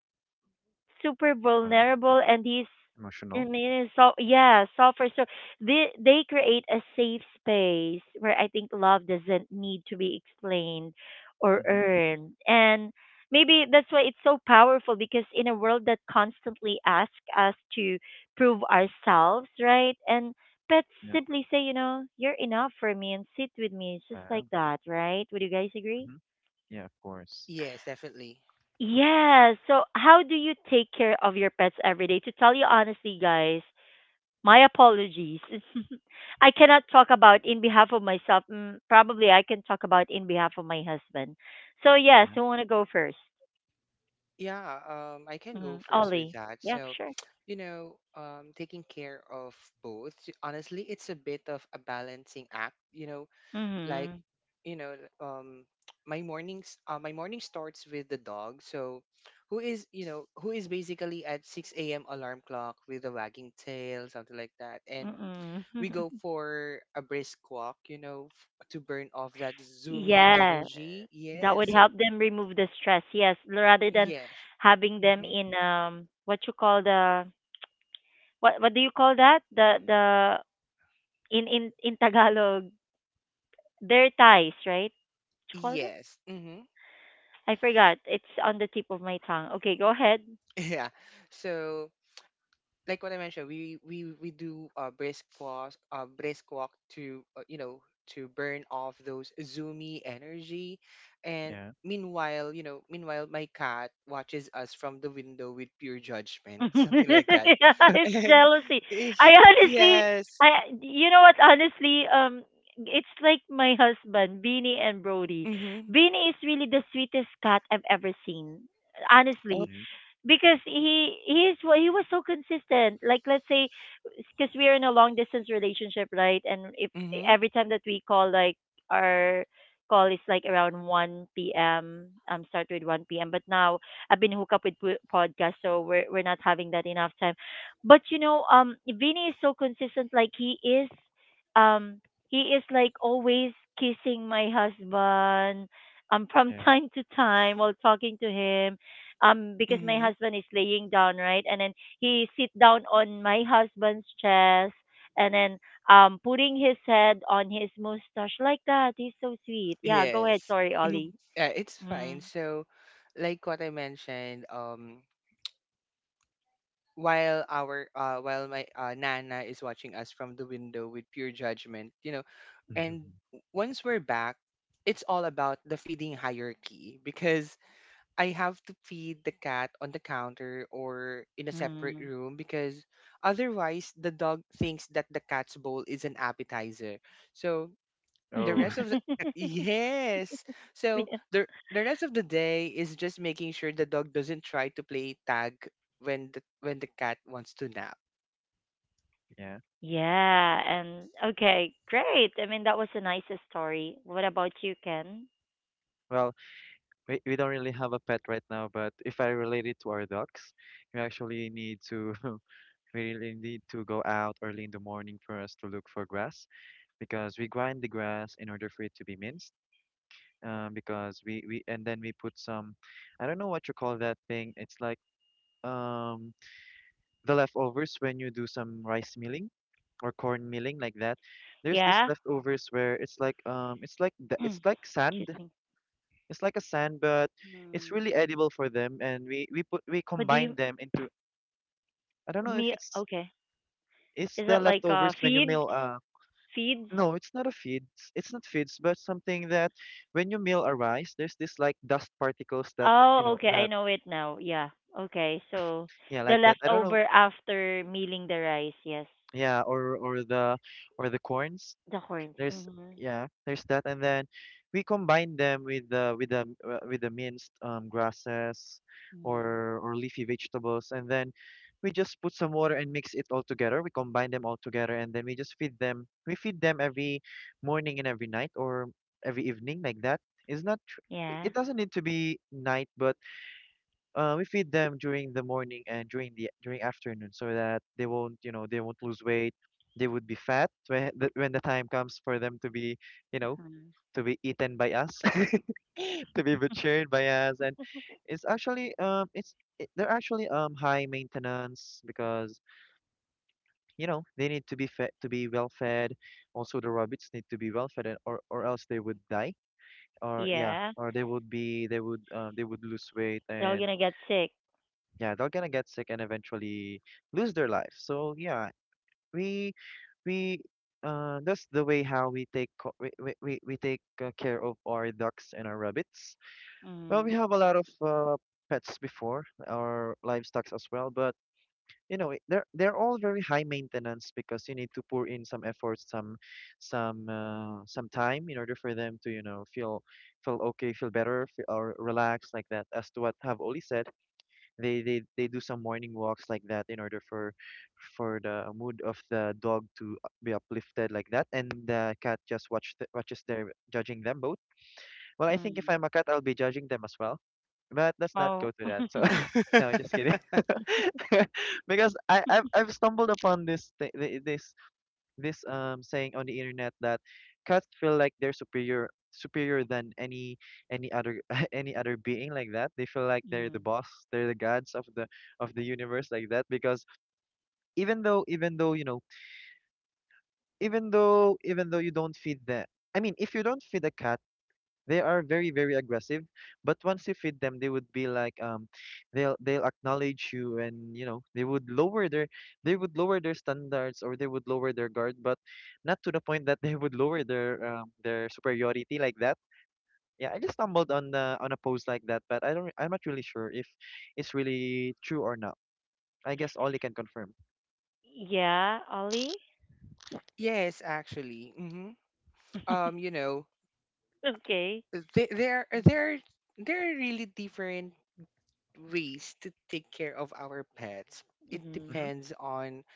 Speaker 1: super
Speaker 3: Right.
Speaker 1: vulnerable. And he's, I
Speaker 3: Emotional.
Speaker 1: mean, it's so, yeah, suffer. So they they create a safe space where I think love doesn't need to be explained or
Speaker 3: Mm-hmm.
Speaker 1: earned. And maybe that's why it's so powerful, because in a world that constantly asks us to prove ourselves, right? And pets
Speaker 3: Yeah.
Speaker 1: simply say, you know, you're enough for me, and sit with me just like
Speaker 3: Wow.
Speaker 1: that, right? Would you guys agree?
Speaker 3: Mm-hmm. Yeah, of course.
Speaker 2: yes, definitely.
Speaker 1: Yes. So, how do you take care of your pets every day? To tell you honestly, guys, my apologies. I cannot talk about in behalf of myself. Mm, probably I can talk about in behalf of my husband. So, yes,
Speaker 3: Yeah,
Speaker 1: who want to go first?
Speaker 2: Yeah, um, I can go
Speaker 1: Mm,
Speaker 2: first with
Speaker 1: Ollie.
Speaker 2: that.
Speaker 1: Yeah,
Speaker 2: So,
Speaker 1: sure.
Speaker 2: you know, um, taking care of both, honestly, it's a bit of a balancing act, you know, like,
Speaker 1: Mm-hmm.
Speaker 2: you know, um, my mornings, uh, my morning starts with the dog. So, who is, you know, who is basically at six a m alarm clock with a wagging tail, something like that. And
Speaker 1: Mm-mm.
Speaker 2: we go for a brisk walk, you know, f- to burn off that zoomy
Speaker 1: Yeah,
Speaker 2: energy.
Speaker 1: that
Speaker 2: Yeah.
Speaker 1: would
Speaker 2: So,
Speaker 1: help them remove the stress. Yes, rather than
Speaker 2: yes.
Speaker 1: having them
Speaker 2: Mm-hmm.
Speaker 1: in, um what you call the, what what do you call that? The the In in in Tagalog. Their ties, right? What you call that?
Speaker 2: Yes. Mm-hmm.
Speaker 1: I forgot. It's on the tip of my tongue. Okay, go ahead.
Speaker 2: yeah. So like what I mentioned, we we we do uh brisk walk, uh brisk walk to uh, you know, to burn off those zoomy energy, and
Speaker 3: yeah,
Speaker 2: meanwhile you know, meanwhile my cat watches us from the window with pure judgment, something like that,
Speaker 1: Yeah, it's
Speaker 2: and
Speaker 1: jealousy.
Speaker 2: eh,
Speaker 1: I honestly,
Speaker 2: yes,
Speaker 1: I, you know what? Honestly, um, it's like my husband, Beanie and Brody.
Speaker 2: mm-hmm,
Speaker 1: Beanie is really the sweetest cat I've ever seen.
Speaker 2: oh,
Speaker 1: Honestly,
Speaker 3: yeah,
Speaker 1: because he he's wa- he was so consistent. Like, let's say, because we are in a long distance relationship, right? And if
Speaker 2: mm-hmm,
Speaker 1: every time that we call, like, our call is like around one p m. Um, start with one p m. But now I've been hooked up with po- podcast, so we're we're not having that enough time. But you know, um, Vinny is so consistent. Like, he is, um, he is like always kissing my husband. Um, from
Speaker 3: yeah.
Speaker 1: time to time while talking to him, um because
Speaker 2: mm-hmm,
Speaker 1: my husband is laying down, right? And then he sit down on my husband's chest, and then um putting his head on his mustache, like that. He's so sweet. Yeah, go ahead,
Speaker 2: yes,
Speaker 1: sorry,
Speaker 2: mhm.
Speaker 1: Ollie.
Speaker 2: Yeah, it's fine.
Speaker 1: Mm.
Speaker 2: So like what I mentioned. Um. While our uh while my uh, Nana is watching us from the window with pure judgment, you know, and w- once we're back, it's all about the feeding hierarchy, because I have to feed the cat on the counter or in a separate
Speaker 1: Mm.
Speaker 2: room, because otherwise the dog thinks that the cat's bowl is an appetizer. So the
Speaker 3: Oh,
Speaker 2: rest of the yes so the the rest of the day is just making sure the dog doesn't try to play tag when the when the cat wants to nap.
Speaker 3: yeah.
Speaker 1: Yeah, and okay, great, I mean that was a nice story. What about you, Ken?
Speaker 3: Well, we, we don't really have a pet right now, but if I relate it to our dogs, we actually need to we really need to go out early in the morning for us to look for grass because we grind the grass in order for it to be minced. Um, because we, we and then we put some— I don't know what you call that thing. It's like, um the leftovers when you do some rice milling or corn milling like that. There's this
Speaker 1: Yeah.
Speaker 3: leftovers where it's like um it's like the— it's
Speaker 1: Mm.
Speaker 3: like
Speaker 1: Excuse
Speaker 3: sand.
Speaker 1: me.
Speaker 3: It's like a sand, but it's really
Speaker 1: Mm.
Speaker 3: edible for them. And we we put
Speaker 1: What
Speaker 3: we
Speaker 1: do you,
Speaker 3: combine them into— I don't
Speaker 1: me?
Speaker 3: know if it's—
Speaker 1: Okay.
Speaker 3: it's
Speaker 1: Is
Speaker 3: the
Speaker 1: that like uh
Speaker 3: leftovers when you
Speaker 1: feeds
Speaker 3: mill, uh—
Speaker 1: feeds
Speaker 3: no, it's not a feeds. It's not feeds, but something that when you mill a rice, there's this like dust particles that you
Speaker 1: Oh,
Speaker 3: know
Speaker 1: okay. I
Speaker 3: that,
Speaker 1: know it now. Yeah. Okay. So
Speaker 3: yeah,
Speaker 1: the
Speaker 3: like that. I don't know.
Speaker 1: leftover after mealing the rice, yes.
Speaker 3: Yeah, or or the or the corns.
Speaker 1: The horns.
Speaker 3: There's
Speaker 1: Corns. Mhm.
Speaker 3: yeah, there's that, and then we combine them with the with the uh, with the minced, um, grasses
Speaker 1: Mhm.
Speaker 3: or or leafy vegetables, and then we just put some water and mix it all together. We combine them all together, and then we just feed them. We feed them every morning and every night, or every evening like that. It's not— tr-
Speaker 1: Yeah.
Speaker 3: it doesn't need to be night, but uh, we feed them during the morning and during the— during afternoon so that they won't, you know, they won't lose weight. They would be fat when the— when the time comes for them to be, you know,
Speaker 1: Mhm.
Speaker 3: to be eaten by us, to be butchered by us. And it's actually— um it's it, they're actually um high maintenance because, you know, they need to be fed, to be well fed. Also, the rabbits need to be well fed, and— or or else they would die. Or yeah,
Speaker 1: Yeah.
Speaker 3: or they would be— they would, um, they would lose weight,
Speaker 1: They're all
Speaker 3: and
Speaker 1: gonna get sick.
Speaker 3: yeah, they're gonna get sick and eventually lose their life. So yeah, we we uh that's the way how we take co- we we, we we take, uh, care of our ducks and our rabbits. Well, we
Speaker 1: Mhm.
Speaker 3: have a lot of, uh, pets before, our livestock as well, but, you know, it— they're they're all very high maintenance because you need to pour in some effort, some some, uh, some time in order for them to, you know, feel— feel okay feel better, feel, or relax like that. As to what have Oli said, they they they do some morning walks like that in order for— for the mood of the dog to, uh, be uplifted like that, and the cat just watch the— watches, their judging them both. Well, I think if
Speaker 1: Mhm.
Speaker 3: I'm a cat, I'll be judging them as well. But let's not go
Speaker 1: Oh.
Speaker 3: to that. So, no, just kidding. Because I I've, I've stumbled upon this thi- thi- this this um saying on the internet that cats feel like they're superior, superior than any any other, any other being, like that. They feel like they're
Speaker 1: Mhm.
Speaker 3: the boss, they're the gods of the of the universe like that because even though even though you know even though even though you don't feed the— I mean, if you don't feed a cat, they are very, very aggressive, but once you feed them, they would be like, um, they'll they'll acknowledge you, and you know they would lower their— they would lower their standards, or they would lower their guard, but not to the point that they would lower their, um, their superiority like that. Yeah, I just stumbled on the— on a post like that, but I don't I'm not really sure if it's really true or not. I guess Ollie can confirm.
Speaker 1: Yeah, Ollie.
Speaker 2: yes, actually. Hmm um you know,
Speaker 1: Okay.
Speaker 2: th- there there there are really different ways to take care of our pets. It
Speaker 1: Mhm.
Speaker 3: Mm-hmm.
Speaker 2: depends on.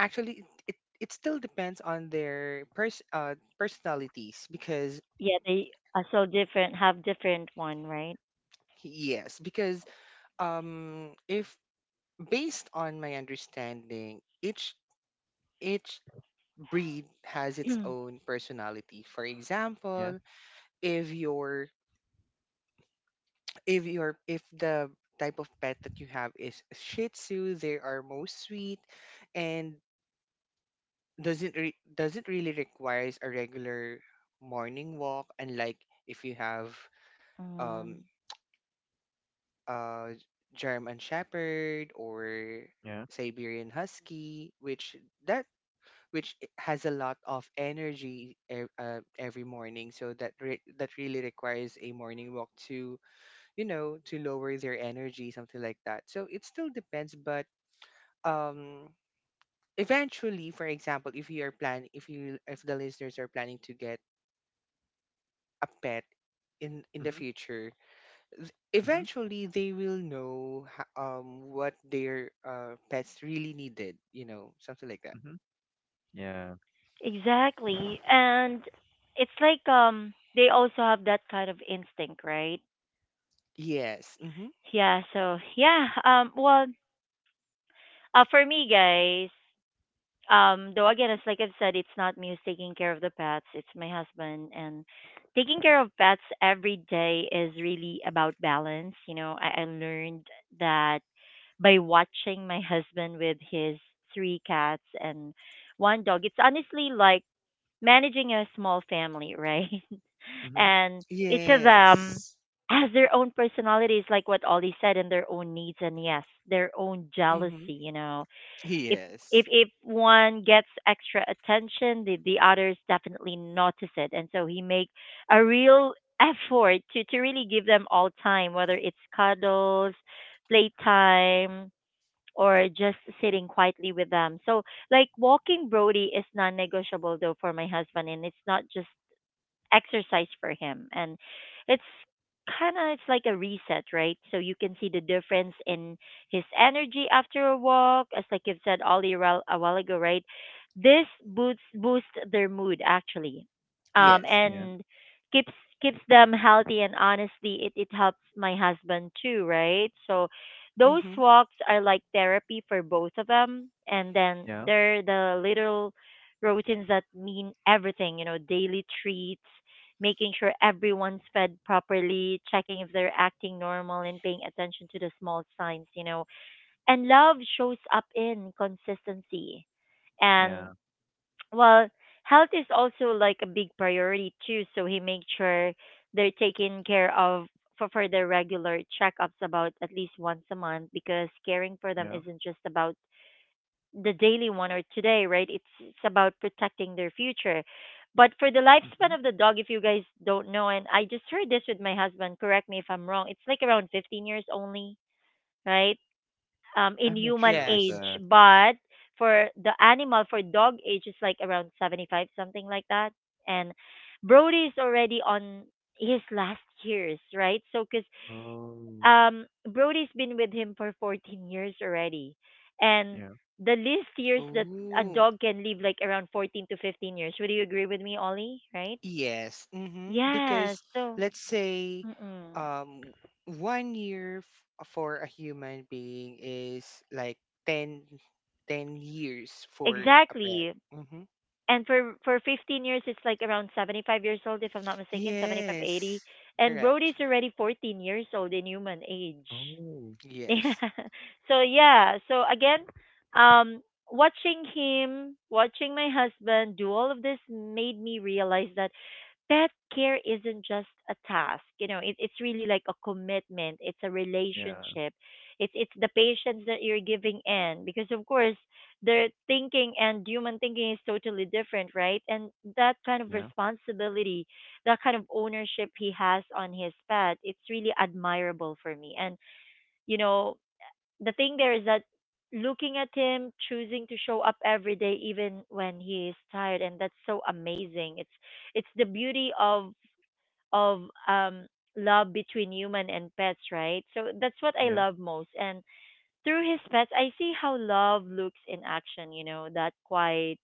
Speaker 2: Actually, it it, it still depends on their pers- uh, personalities, because
Speaker 1: Yeah, they are so different. Have different one, right?
Speaker 2: yes, because um if based on my understanding, each each breed has its own personality. For
Speaker 3: Yeah.
Speaker 2: example, if your if your if the type of pet that you have is Shih Tzu, they are most sweet and doesn't re- doesn't really requires a regular morning walk. Unlike if you have um
Speaker 1: Mhm.
Speaker 2: uh German Shepherd or
Speaker 3: Yeah.
Speaker 2: Siberian Husky, which that which i- has a lot of energy ev- uh, every morning, so that re- that really requires a morning walk to you know, to lower their energy, something like that. So it still depends. But um eventually, for example, if you are plan if you if the listeners are planning to get a pet in in the
Speaker 3: Mm-hmm.
Speaker 2: future, th-
Speaker 3: Mm-hmm.
Speaker 2: eventually they will know ho- um what their uh, pets really needed, you know, something like that.
Speaker 3: Mhm. Yeah.
Speaker 1: Exactly. And it's like um they also have that kind of instinct, right?
Speaker 2: Yes, mm-hmm.
Speaker 1: Yeah, so yeah, um well, uh for me, guys, um though again it's like I've said, it's not me who's taking care of the pets, it's my husband. And taking care of pets every day is really about balance, you know. I, I learned that by watching my husband with his three cats and one dog. It's honestly like managing a small family, right?
Speaker 3: Mhm.
Speaker 1: And each of them
Speaker 2: Yes.
Speaker 1: has their own personalities, like what Ollie said, and their own needs, and yes, their own jealousy,
Speaker 2: Mm-hmm.
Speaker 1: you know. if if
Speaker 2: Yes.
Speaker 1: if one gets extra attention, the, the others definitely notice it, and so he make a real effort to to really give them all time, whether it's cuddles, playtime, or just sitting quietly with them. So, like, walking Brody is non-negotiable, though, for my husband, and it's not just exercise for him. And it's kind of, it's like a reset, right? So you can see the difference in his energy after a walk, as like you've said, Ollie, a while a while ago, right? This boosts boosts their mood, actually. Um
Speaker 2: Yes. Mm-hmm.
Speaker 3: Yeah.
Speaker 1: and keeps keeps them healthy, and honestly, it, it helps my husband too, right? So those
Speaker 2: Mm-hmm.
Speaker 1: walks are like therapy for both of them. And then
Speaker 3: Yeah.
Speaker 1: they're the little routines that mean everything, you know: daily treats, making sure everyone's fed properly, checking if they're acting normal, and paying attention to the small signs, you know. And love shows up in consistency. And,
Speaker 3: Yeah.
Speaker 1: well, health is also like a big priority too, so he makes sure they're taken care of. For, for their regular checkups, about at least once a month, because caring for them
Speaker 3: Yeah.
Speaker 1: isn't just about the daily one or today, right? It's it's about protecting their future. But for the lifespan
Speaker 3: Mhm.
Speaker 1: of the dog, if you guys don't know, and I just heard this with my husband, correct me if I'm wrong, it's like around fifteen years only, right? Um, in
Speaker 3: I'm not
Speaker 1: human
Speaker 3: sure with
Speaker 2: Yes.
Speaker 1: age.
Speaker 3: that.
Speaker 1: But for the animal, for dog age, it's like around seventy-five, something like that. And Brody's already on his last years, right? So, because
Speaker 3: Oh.
Speaker 1: um Brody's been with him for fourteen years already. And
Speaker 3: Yeah.
Speaker 1: the least years that a
Speaker 2: Ooh.
Speaker 1: dog can live, like around fourteen to fifteen years. Would you agree with me, Ollie? Right?
Speaker 2: Yes. Mm-hmm.
Speaker 1: Yeah,
Speaker 2: Because
Speaker 1: so,
Speaker 2: let's say
Speaker 1: mm-mm,
Speaker 2: um one year f- for a human being is like ten, ten years for a pet.
Speaker 1: exactly.
Speaker 2: Mm-hmm.
Speaker 1: And for for fifteen years it's like around seventy-five years old, if I'm not mistaken, seventy five, eighty.
Speaker 2: Yes.
Speaker 1: And
Speaker 2: Correct.
Speaker 1: Brody's already fourteen years old in human age.
Speaker 3: Oh.
Speaker 1: Yeah.
Speaker 2: Yes.
Speaker 1: So yeah. So again, um, watching him, watching my husband do all of this made me realize that pet care isn't just a task. You know, it, it's really like a commitment. It's a
Speaker 3: Yeah.
Speaker 1: relationship. It's it's the patience that you're giving in, because of course their thinking and human thinking is totally different, right? And that kind of
Speaker 3: Yeah.
Speaker 1: responsibility, that kind of ownership he has on his pet, it's really admirable for me. And you know the thing there is that looking at him choosing to show up every day even when he is tired and that's so amazing it's it's the beauty of of um love between human and pets, right? So that's what I
Speaker 3: Yeah.
Speaker 1: love most. And through his pets I see how love looks in action, you know, that quite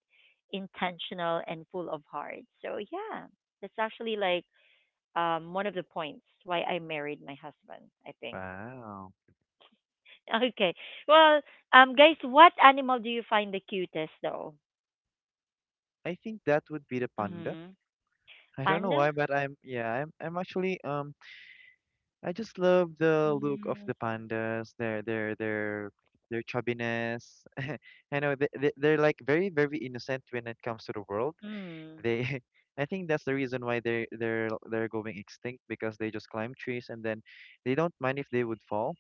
Speaker 1: intentional and full of heart, so yeah, that's actually like um one of the points why I married my husband, I think.
Speaker 3: Wow.
Speaker 1: Okay. Well, um, guys, what animal do you find the cutest, though?
Speaker 3: I think that would be the panda.
Speaker 1: Mm-hmm.
Speaker 3: I don't know
Speaker 1: Panda?
Speaker 3: why, but I'm— yeah, I'm I'm actually um I just love the look of
Speaker 1: Mm-hmm.
Speaker 3: the pandas, their their their their chubbiness. I know they, they, they're like very, very innocent when it comes to the world. They, I think that's the reason why they they're they're going extinct because they just climb trees, and then they don't mind if they would fall,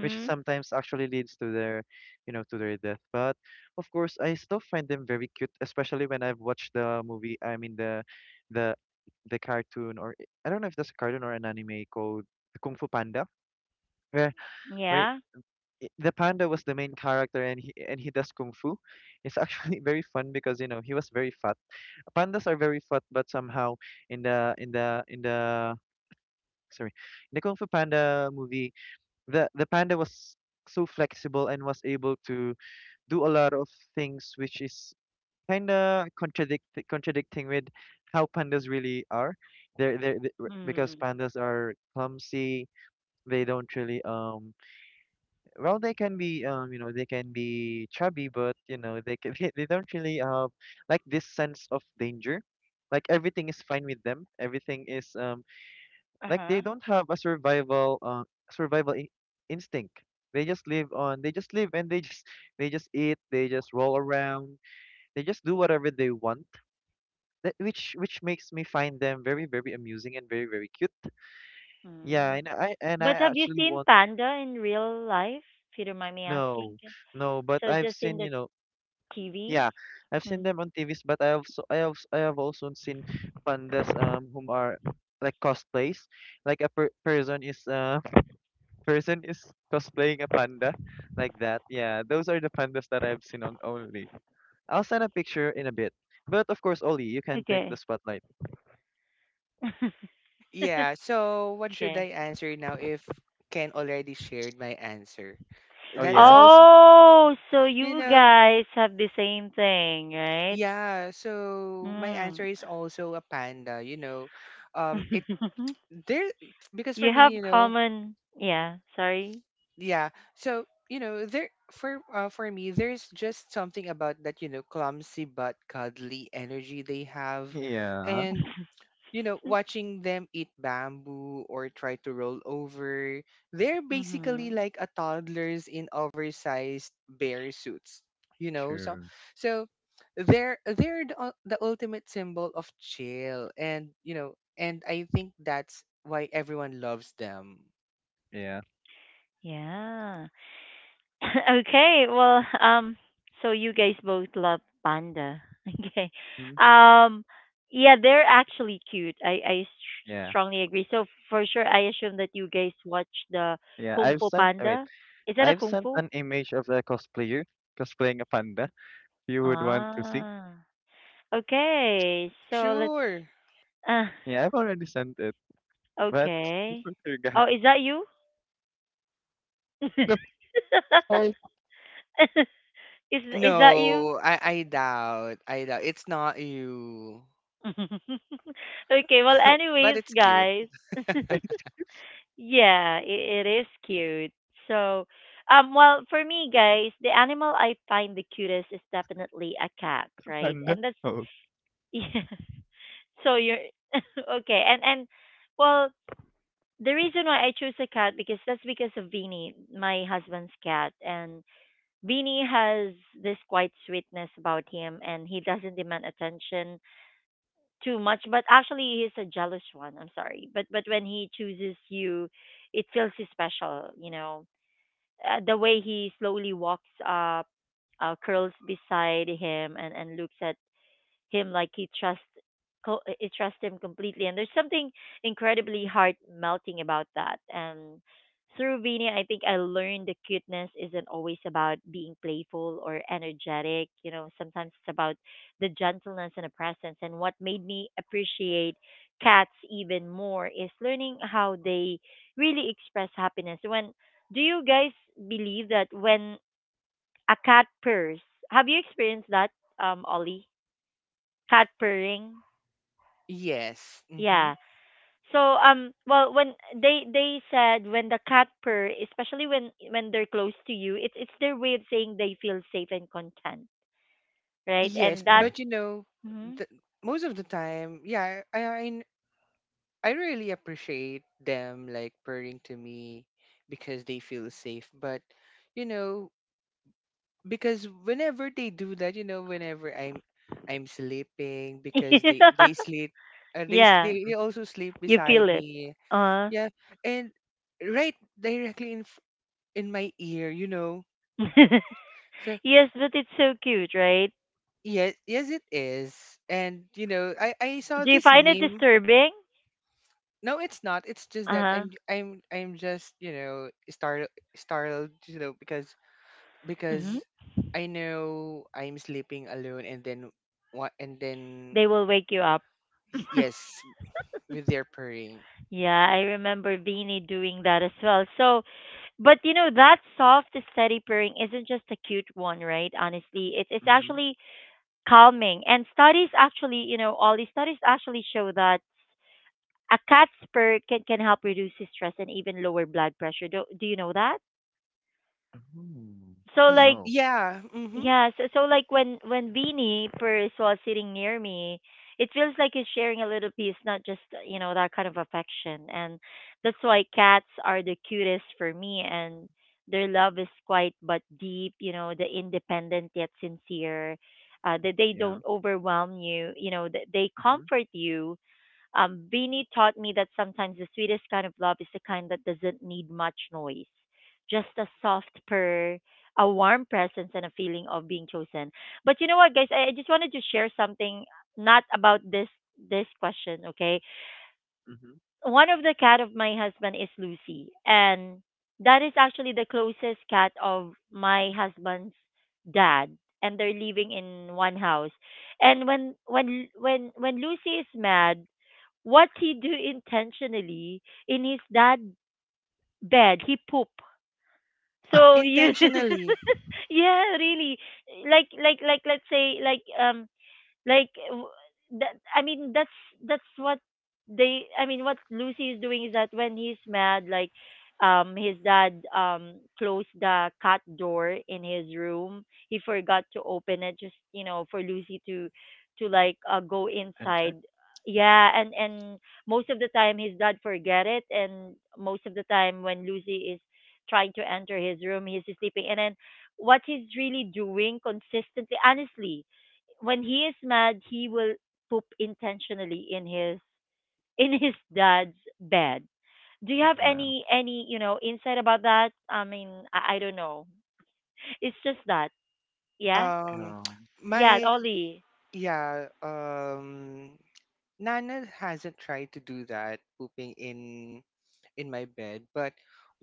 Speaker 3: which sometimes actually leads to their, you know, to their death. But of course, I still find them very cute, especially when I've watched the movie. I mean the— the, the cartoon, or I don't know if that's a cartoon or an anime called Kung Fu Panda, where— where
Speaker 1: Yeah.
Speaker 3: i- the panda was the main character, and he and he does kung fu. It's actually very fun because you know he was very fat— pandas are very fat, but somehow in the in the in the sorry, in the Kung Fu Panda movie, the the panda was so flexible and was able to do a lot of things, which is kind of contradict— contradicting with how pandas really are. They're— they're, they— because
Speaker 1: Mm-hmm.
Speaker 3: pandas are clumsy. They don't really, um well, they can be, um you know, they can be chubby, but you know they can, they— they don't really have like this sense of danger, like everything is fine with them, everything is, um like
Speaker 1: Uh-huh.
Speaker 3: they don't have a survival, uh, survival in- instinct. They just live on, they just live, and they just they just eat, they just roll around, they just do whatever they want. That which— which makes me find them very, very amusing and very, very cute. Yeah,
Speaker 1: Mm-hmm.
Speaker 3: and i and i
Speaker 1: But have you
Speaker 3: actually
Speaker 1: seen
Speaker 3: want—
Speaker 1: panda in real life? If you don't mind me asking.
Speaker 3: no,
Speaker 1: Ken?
Speaker 3: no, but
Speaker 1: So
Speaker 3: I've
Speaker 1: just in
Speaker 3: seen,
Speaker 1: the
Speaker 3: you know—
Speaker 1: T V?
Speaker 3: yeah, I've seen
Speaker 1: Mm.
Speaker 3: them on T Vs, but I also— I have I have also seen pandas um whom are like cosplays, like a per— person is, uh person is cosplaying a panda, like that. Yeah, those are the pandas that I've seen on only. I'll send a picture in a bit, but of course, Oli, you can take the
Speaker 1: Okay.
Speaker 3: spotlight.
Speaker 2: Yeah. So what should
Speaker 1: Okay.
Speaker 2: I answer now if Ken already shared my answer?
Speaker 3: Oh
Speaker 2: That is
Speaker 3: yeah,
Speaker 2: also,
Speaker 1: Oh, so
Speaker 2: you
Speaker 1: you
Speaker 2: know,
Speaker 1: guys have the same thing, right?
Speaker 2: yeah, so my
Speaker 1: Mm.
Speaker 2: answer is also a panda, you know. Um it there Because for
Speaker 1: You
Speaker 2: me,
Speaker 1: have
Speaker 2: you know,
Speaker 1: common, yeah, sorry.
Speaker 2: yeah. So, you know, there for uh, for me, there's just something about that, you know, clumsy but cuddly energy they have.
Speaker 3: yeah,
Speaker 2: And you know, watching them eat bamboo or try to roll over, they're basically
Speaker 1: Mhm.
Speaker 2: like a toddlers in oversized bear suits. You know, so
Speaker 3: sure,
Speaker 2: so they're they're the, ul- the ultimate symbol of chill, and you know, and I think that's why everyone loves them.
Speaker 3: yeah,
Speaker 1: Yeah. Okay, well, um so you guys both love panda. Okay.
Speaker 3: mm,
Speaker 1: Um yeah, they're actually cute. I I s-
Speaker 3: yeah,
Speaker 1: strongly agree. So for sure I assume that you guys watch the
Speaker 3: yeah.
Speaker 1: Kung
Speaker 3: I've
Speaker 1: Fu
Speaker 3: sent— wait,
Speaker 1: Panda. Is that a
Speaker 3: I've
Speaker 1: Kung
Speaker 3: sent
Speaker 1: Fu?
Speaker 3: an image of a cosplayer cosplaying a panda. You would want to see.
Speaker 1: Ah. Okay. So let's
Speaker 2: Sure.
Speaker 1: uh
Speaker 3: Yeah, I've already sent it. But
Speaker 1: okay.
Speaker 3: Surga.
Speaker 1: Oh, is that you?
Speaker 3: Sorry,
Speaker 1: is is that you?
Speaker 2: No, I I doubt. I doubt it's not you,
Speaker 1: Okay, well,
Speaker 2: but
Speaker 1: anyways,
Speaker 2: it's cute.
Speaker 1: guys.
Speaker 3: Gangsta.
Speaker 1: Yeah, it, it is cute. So, um, well, for me, guys, the animal I find the cutest is definitely a cat, right?
Speaker 3: Panda?
Speaker 1: And that's
Speaker 3: Oh.
Speaker 1: yeah. So you're okay, and and well, the reason why I chose a cat because that's because of Beanie, my husband's cat, and Beanie has this quite sweetness about him, and he doesn't demand attention too much, but actually he's a jealous one. I'm sorry, but but when he chooses you, it feels special, you know. Uh, the way he slowly walks up, uh, curls beside him and and looks at him like he trusts co- eh, he trusts him completely, and there's something incredibly heart melting about that. And through Vini, I think I learned the cuteness isn't always about being playful or energetic. You know, sometimes it's about the gentleness and the presence. And what made me appreciate cats even more is learning how they really express happiness. When do you guys believe that when a cat purrs, have you experienced that, um, Ollie? Cat purring?
Speaker 2: Yes. Hmm.
Speaker 1: Yeah. So um well, when they they said when the cat purr, especially when when they're close to you, it's it's their way of saying they feel safe and content, right?
Speaker 2: Yes,
Speaker 1: And that's
Speaker 3: Yeah.
Speaker 2: but you know,
Speaker 1: Mhm.
Speaker 2: the, most of the time, yeah, I I I really appreciate them like purring to me because they feel safe. But you know, because whenever they do that, you know, whenever I'm I'm sleeping, because they they sleep, uh, they s-
Speaker 1: yeah,
Speaker 2: they they
Speaker 3: Mhm,
Speaker 2: also sleep
Speaker 1: you feel
Speaker 2: beside
Speaker 1: it.
Speaker 2: me.
Speaker 1: Uh
Speaker 2: Yeah, and right directly in f- in my ear, you know. So
Speaker 1: yes, but it's so cute, right?
Speaker 2: yes, yes, it is. And you know, I I saw
Speaker 1: Do you
Speaker 2: this
Speaker 1: find it
Speaker 2: meme.
Speaker 1: disturbing?
Speaker 2: No, it's not. It's just
Speaker 1: Uh
Speaker 2: that
Speaker 1: huh.
Speaker 2: I'm I'm I'm just, you know, startled startled, you know, because
Speaker 1: Hmm.
Speaker 2: because I know I'm sleeping alone, and then what and then
Speaker 1: They will wake you up.
Speaker 2: y- yes, with their purring.
Speaker 1: Yeah, I remember Beanie doing that as well. So, but you know, that soft, steady purring isn't just a cute one, right? Honestly, it's it's
Speaker 3: mhm.
Speaker 1: actually calming. And studies actually, you know, all these studies actually show that a cat's purr can can help reduce stress and even lower blood pressure. Do do you know that?
Speaker 3: Oh,
Speaker 1: So
Speaker 2: Y-
Speaker 1: like
Speaker 3: no.
Speaker 2: Yeah, mhm.
Speaker 1: Yeah, so, so like when when Beanie Purse was sitting near me, it feels like he's sharing a little piece, not just you know that kind of affection, and that's why cats are the cutest for me, and their love is quiet but deep. You know, the independent yet sincere. Uh, that they
Speaker 3: Yeah.
Speaker 1: don't overwhelm you. You know, that they
Speaker 3: Mhm,
Speaker 1: comfort you. um, Beanie taught me that sometimes the sweetest kind of love is the kind that doesn't need much noise, just a soft purr, a warm presence, and a feeling of being chosen. But you know what, guys? I, I just wanted to share something not about this this question, okay?
Speaker 3: mhm.
Speaker 1: One of the cat of my husband is Lucy, and that is actually the closest cat of my husband's dad, and they're living in one house. And when when when when Lucy is mad, what he do intentionally in his dad bed, he poop. So you,
Speaker 2: Intentionally.
Speaker 1: yeah, really, like like like let's say like um like w- that I mean that's that's what they I mean what Lucy is doing is that when he's mad, like, um his dad um closed the cat door in his room. He forgot to open it just you know for Lucy to to like, uh, go
Speaker 3: Enter.
Speaker 1: inside. Yeah, and and most of the time his dad forget it, and most of the time when Lucy is trying to enter his room he's sleeping, and then what he's really doing consistently, honestly, when he is mad, he will poop intentionally in his in his dad's bed. Do you have
Speaker 3: Well,
Speaker 1: any any you know insight about that? I mean, I, I don't know. It's just that, yeah,
Speaker 2: Um
Speaker 3: um,
Speaker 1: yeah,
Speaker 2: my
Speaker 1: Ollie.
Speaker 2: Yeah, um Nana hasn't tried to do that, pooping in in my bed, but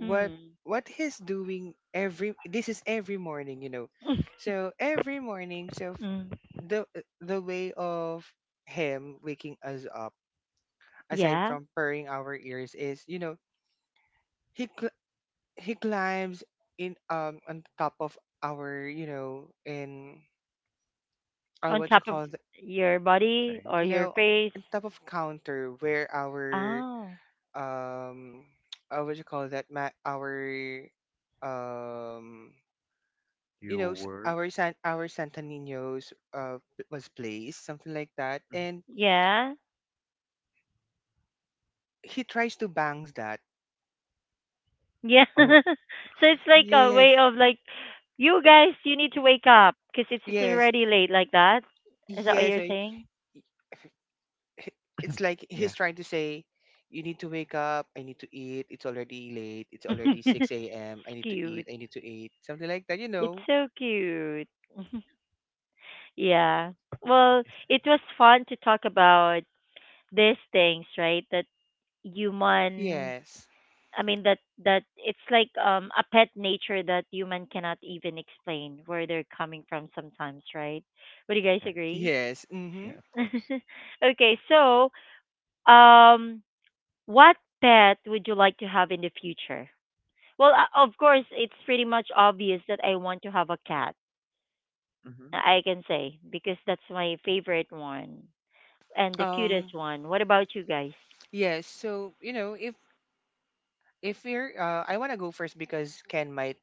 Speaker 2: what
Speaker 1: Mm.
Speaker 2: what he's doing every, this is every morning, you know. So every morning, so f-
Speaker 1: mm.
Speaker 2: the the way of him waking us up, aside
Speaker 1: Yeah,
Speaker 2: from purring our ears, is, you know, he cl- he climbs in um on top of our you know in uh,
Speaker 1: on
Speaker 2: what you
Speaker 1: top of
Speaker 2: call the,
Speaker 1: your body or your
Speaker 3: space.
Speaker 2: no
Speaker 1: face.
Speaker 2: on top of counter where our
Speaker 1: Oh,
Speaker 2: um uh, what you call that ma- our um you
Speaker 3: Your
Speaker 2: know, s-
Speaker 3: word.
Speaker 2: our san our santa ninos uh p- was placed, something like that,
Speaker 3: Mhm.
Speaker 2: and
Speaker 1: yeah,
Speaker 2: he tries to bangs that.
Speaker 1: yeah.
Speaker 3: Oh,
Speaker 1: So it's like a way
Speaker 2: Yes,
Speaker 1: of like, you guys, you need to wake up because it's it's
Speaker 2: yes,
Speaker 1: already late like that. Is that what
Speaker 2: yes.
Speaker 1: you're
Speaker 2: I, h-
Speaker 1: saying?
Speaker 2: it's like
Speaker 3: yeah.
Speaker 2: he's trying to say, you need to wake up, I need to eat, it's already late, it's already
Speaker 1: It's
Speaker 2: six a.m., I need to
Speaker 1: cute.
Speaker 2: eat, I need to eat, something like that, you
Speaker 1: It's
Speaker 2: know.
Speaker 1: so cute. Yeah. Well,
Speaker 3: It's—
Speaker 1: it was fun to talk about these things, right? That human,
Speaker 2: Yes,
Speaker 1: I mean that that it's like um a pet nature that human cannot even explain where they're coming from sometimes, right? Would you guys
Speaker 3: yeah,
Speaker 1: agree?
Speaker 2: yes, mm-hmm.
Speaker 3: yeah, of course.
Speaker 1: Okay, so um what pet would you like to have in the future? Well, uh, of course, it's pretty much obvious that I want to have a cat,
Speaker 3: Mm-hmm.
Speaker 1: I can say, because that's my favorite one and the
Speaker 2: um
Speaker 1: cutest one. What about you guys?
Speaker 2: Yes, so you know, if if you're uh, I want to go first because Ken might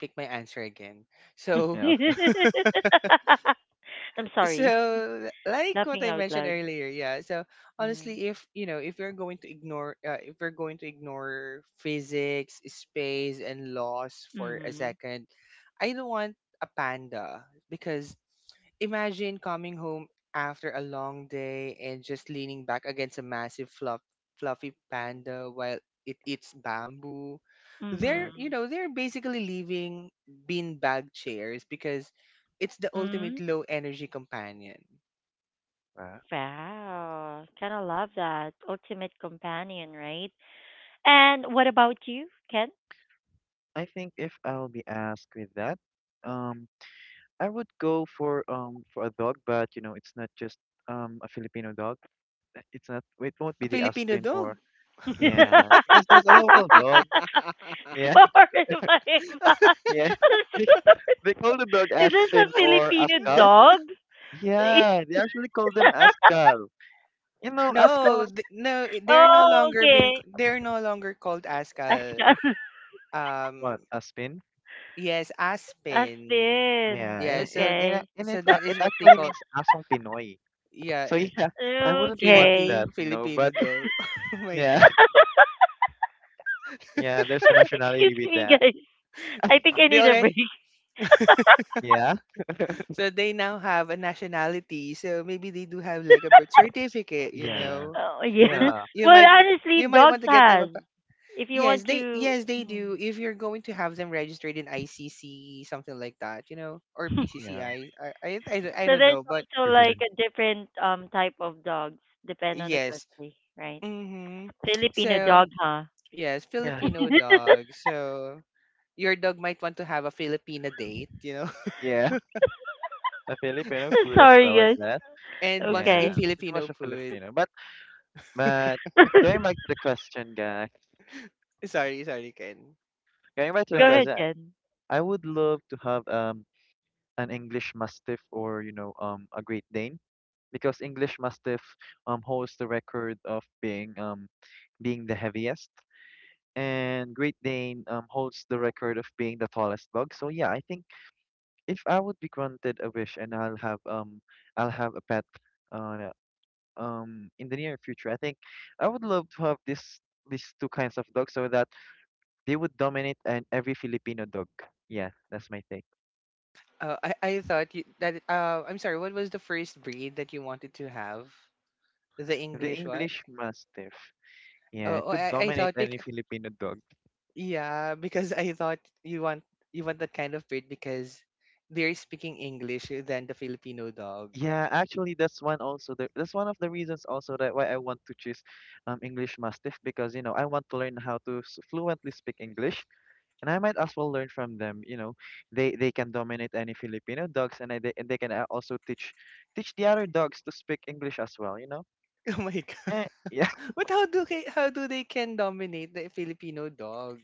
Speaker 2: pick my answer again. So,
Speaker 3: Yeah, okay.
Speaker 1: I'm sorry,
Speaker 2: so like what
Speaker 1: laughing
Speaker 2: I
Speaker 1: out
Speaker 2: mentioned
Speaker 1: loud.
Speaker 2: earlier, yeah. So
Speaker 1: Mm.
Speaker 2: honestly, if you know, if we are going to ignore uh, if we're going to ignore physics space and laws for a
Speaker 1: Mhm.
Speaker 2: second, I don't want a panda because imagine coming home after a long day and just leaning back against a massive fluff, fluffy
Speaker 3: Mhm.
Speaker 2: panda while it eats bamboo. They're,
Speaker 3: Yeah.
Speaker 2: you
Speaker 1: Mhm.
Speaker 2: know, they're basically leaving beanbag chairs because it's the ultimate
Speaker 1: Mhm.
Speaker 2: low energy companion.
Speaker 3: Well,
Speaker 1: Wow, kind of love that ultimate companion, right? And what about you, Ken?
Speaker 3: I think if I'll be asked with that, um, I would go for um for a dog, but you know, it's not just um a Filipino dog. Uh, It's not. It won't
Speaker 2: A
Speaker 3: be the
Speaker 2: Filipino
Speaker 3: Aspen
Speaker 2: dog.
Speaker 3: or—
Speaker 1: Sorry,
Speaker 3: yeah, because there's a local dog. Yeah,
Speaker 1: my bad.
Speaker 3: yeah. They— they call the dog
Speaker 1: Is this a
Speaker 3: Aspen or
Speaker 1: Filipino
Speaker 3: Askal.
Speaker 1: dog?
Speaker 3: Yeah, they actually call them Askal. You know, Askal
Speaker 2: No,
Speaker 3: was—
Speaker 2: th- no, i- they're no
Speaker 1: Oh,
Speaker 2: longer been c-
Speaker 1: okay.
Speaker 2: they're no longer called Ascal.
Speaker 1: Aspen.
Speaker 3: what?
Speaker 2: Um,
Speaker 3: Aspen?
Speaker 2: yes, Aspen.
Speaker 1: Aspen.
Speaker 3: Yeah,
Speaker 2: Yeah,
Speaker 3: and, and,
Speaker 2: so
Speaker 3: and a-
Speaker 1: Okay.
Speaker 3: and
Speaker 2: so
Speaker 3: it's— a-
Speaker 2: that is
Speaker 3: it
Speaker 2: what they
Speaker 3: actually
Speaker 2: call,
Speaker 3: means Asong Pinoy. So
Speaker 2: yeah,
Speaker 3: yeah, I wouldn't want
Speaker 2: Philippine
Speaker 1: Okay.
Speaker 3: that, you know,
Speaker 2: Filipino
Speaker 3: but
Speaker 2: dog. Oh my
Speaker 3: yeah,
Speaker 2: god.
Speaker 3: yeah, there's a
Speaker 1: Excuse
Speaker 3: nationality with
Speaker 1: me,
Speaker 3: that.
Speaker 1: guys. I think I
Speaker 2: They
Speaker 1: need a
Speaker 2: already,
Speaker 1: break.
Speaker 3: Yeah,
Speaker 2: so they now have a nationality. So maybe they do have like a birth certificate, you
Speaker 3: yeah,
Speaker 2: know.
Speaker 1: Oh, yeah.
Speaker 2: You might
Speaker 3: yeah,
Speaker 2: you
Speaker 1: Well,
Speaker 2: might
Speaker 1: honestly,
Speaker 2: you might
Speaker 1: dogs
Speaker 2: want to get them a—
Speaker 1: has. If you
Speaker 2: yes,
Speaker 1: want
Speaker 2: they
Speaker 1: to,
Speaker 2: yes they do.
Speaker 1: Mm.
Speaker 2: If you're going to have them registered in I C C, something like that, you know, or
Speaker 3: yeah.
Speaker 2: P C C I, I I I, I, don't- I
Speaker 1: So
Speaker 2: don't
Speaker 1: there's
Speaker 2: know, but
Speaker 1: also like a different um type of dogs depend on the
Speaker 2: yes.
Speaker 1: country, right?
Speaker 2: Mm-hmm.
Speaker 1: Filipino
Speaker 2: So
Speaker 1: dog, huh?
Speaker 2: yes,
Speaker 3: Yeah,
Speaker 2: Filipino dog. So your dog might want to have a Filipina date, you know,
Speaker 3: yeah, the Filipino food as well
Speaker 1: Sorry,
Speaker 3: like
Speaker 1: guys.
Speaker 3: that.
Speaker 2: and wants to eat
Speaker 1: Okay.
Speaker 3: Yeah, pretty
Speaker 2: Filipino
Speaker 3: much a
Speaker 2: food.
Speaker 3: Filipino. But But going back to the question, guy,
Speaker 2: Sorry, sorry, Ken.
Speaker 3: going back to
Speaker 2: Go
Speaker 3: the
Speaker 1: Go
Speaker 2: ahead.
Speaker 1: ahead,
Speaker 3: question,
Speaker 1: Jen.
Speaker 3: I would love to have um an English Mastiff, or you know um a Great Dane, because English Mastiff um holds the record of being um being the heaviest, and Great Dane um holds the record of being the tallest dog. So yeah, I think if I would be granted a wish and I'll have um I'll have a pet uh um in the near future, I think I would love to have this these two kinds of dogs so that they would dominate an every Filipino dog. Yeah, that's my take.
Speaker 2: Uh, I I thought you that uh I'm sorry. What was the first breed that you wanted to have? The
Speaker 3: The
Speaker 2: English what?
Speaker 3: English Mastiff. Yeah,
Speaker 2: Oh,
Speaker 3: it
Speaker 2: oh
Speaker 3: could
Speaker 2: I, I
Speaker 3: dominate
Speaker 2: thought
Speaker 3: any
Speaker 2: bec-
Speaker 3: Filipino dog.
Speaker 2: yeah, because I thought you want you want that kind of breed because they're speaking English than the Filipino dog.
Speaker 3: Yeah, actually, that's one also. The, that's one of the reasons also that why I want to choose um, English Mastiff, because you know I want to learn how to s- fluently speak English, and I might as well learn from them. You know, they they can dominate any Filipino dogs, and I, they and they can uh, also teach teach the other dogs to speak English as well. You know,
Speaker 2: Oh my god.
Speaker 3: eh,
Speaker 2: But how do they, how do they can dominate the Filipino dog?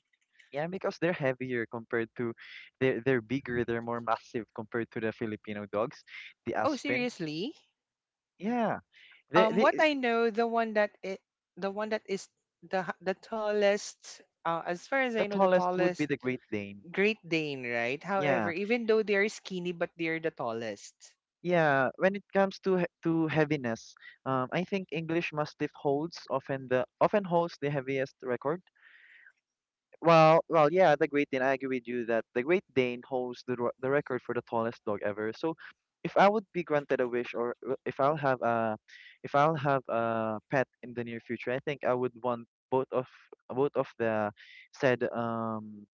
Speaker 3: yeah, because they're heavier compared to they're they're bigger, they're more massive compared to the Filipino dogs, the
Speaker 2: Oh,
Speaker 3: Aspen.
Speaker 2: seriously?
Speaker 3: Yeah. They
Speaker 2: Um what
Speaker 3: they
Speaker 2: I know, the one that it, the one that is the h- the tallest, uh, as far as
Speaker 3: the
Speaker 2: I know, the
Speaker 3: tallest would be
Speaker 2: tallest—
Speaker 3: the Great Dane.
Speaker 2: Great Dane, right? However,
Speaker 3: Yeah.
Speaker 2: even though they're skinny, but they're the tallest.
Speaker 3: Yeah, when it comes to he- to heaviness, um, I think English Mastiff holds often the often holds the heaviest record. Well, well, yeah, the Great Dane. I agree with you that the Great Dane holds the ro- the record for the tallest dog ever. So, if I would be granted a wish, or w- if I'll have a, if I'll have a pet in the near future, I think I would want both of both of the said um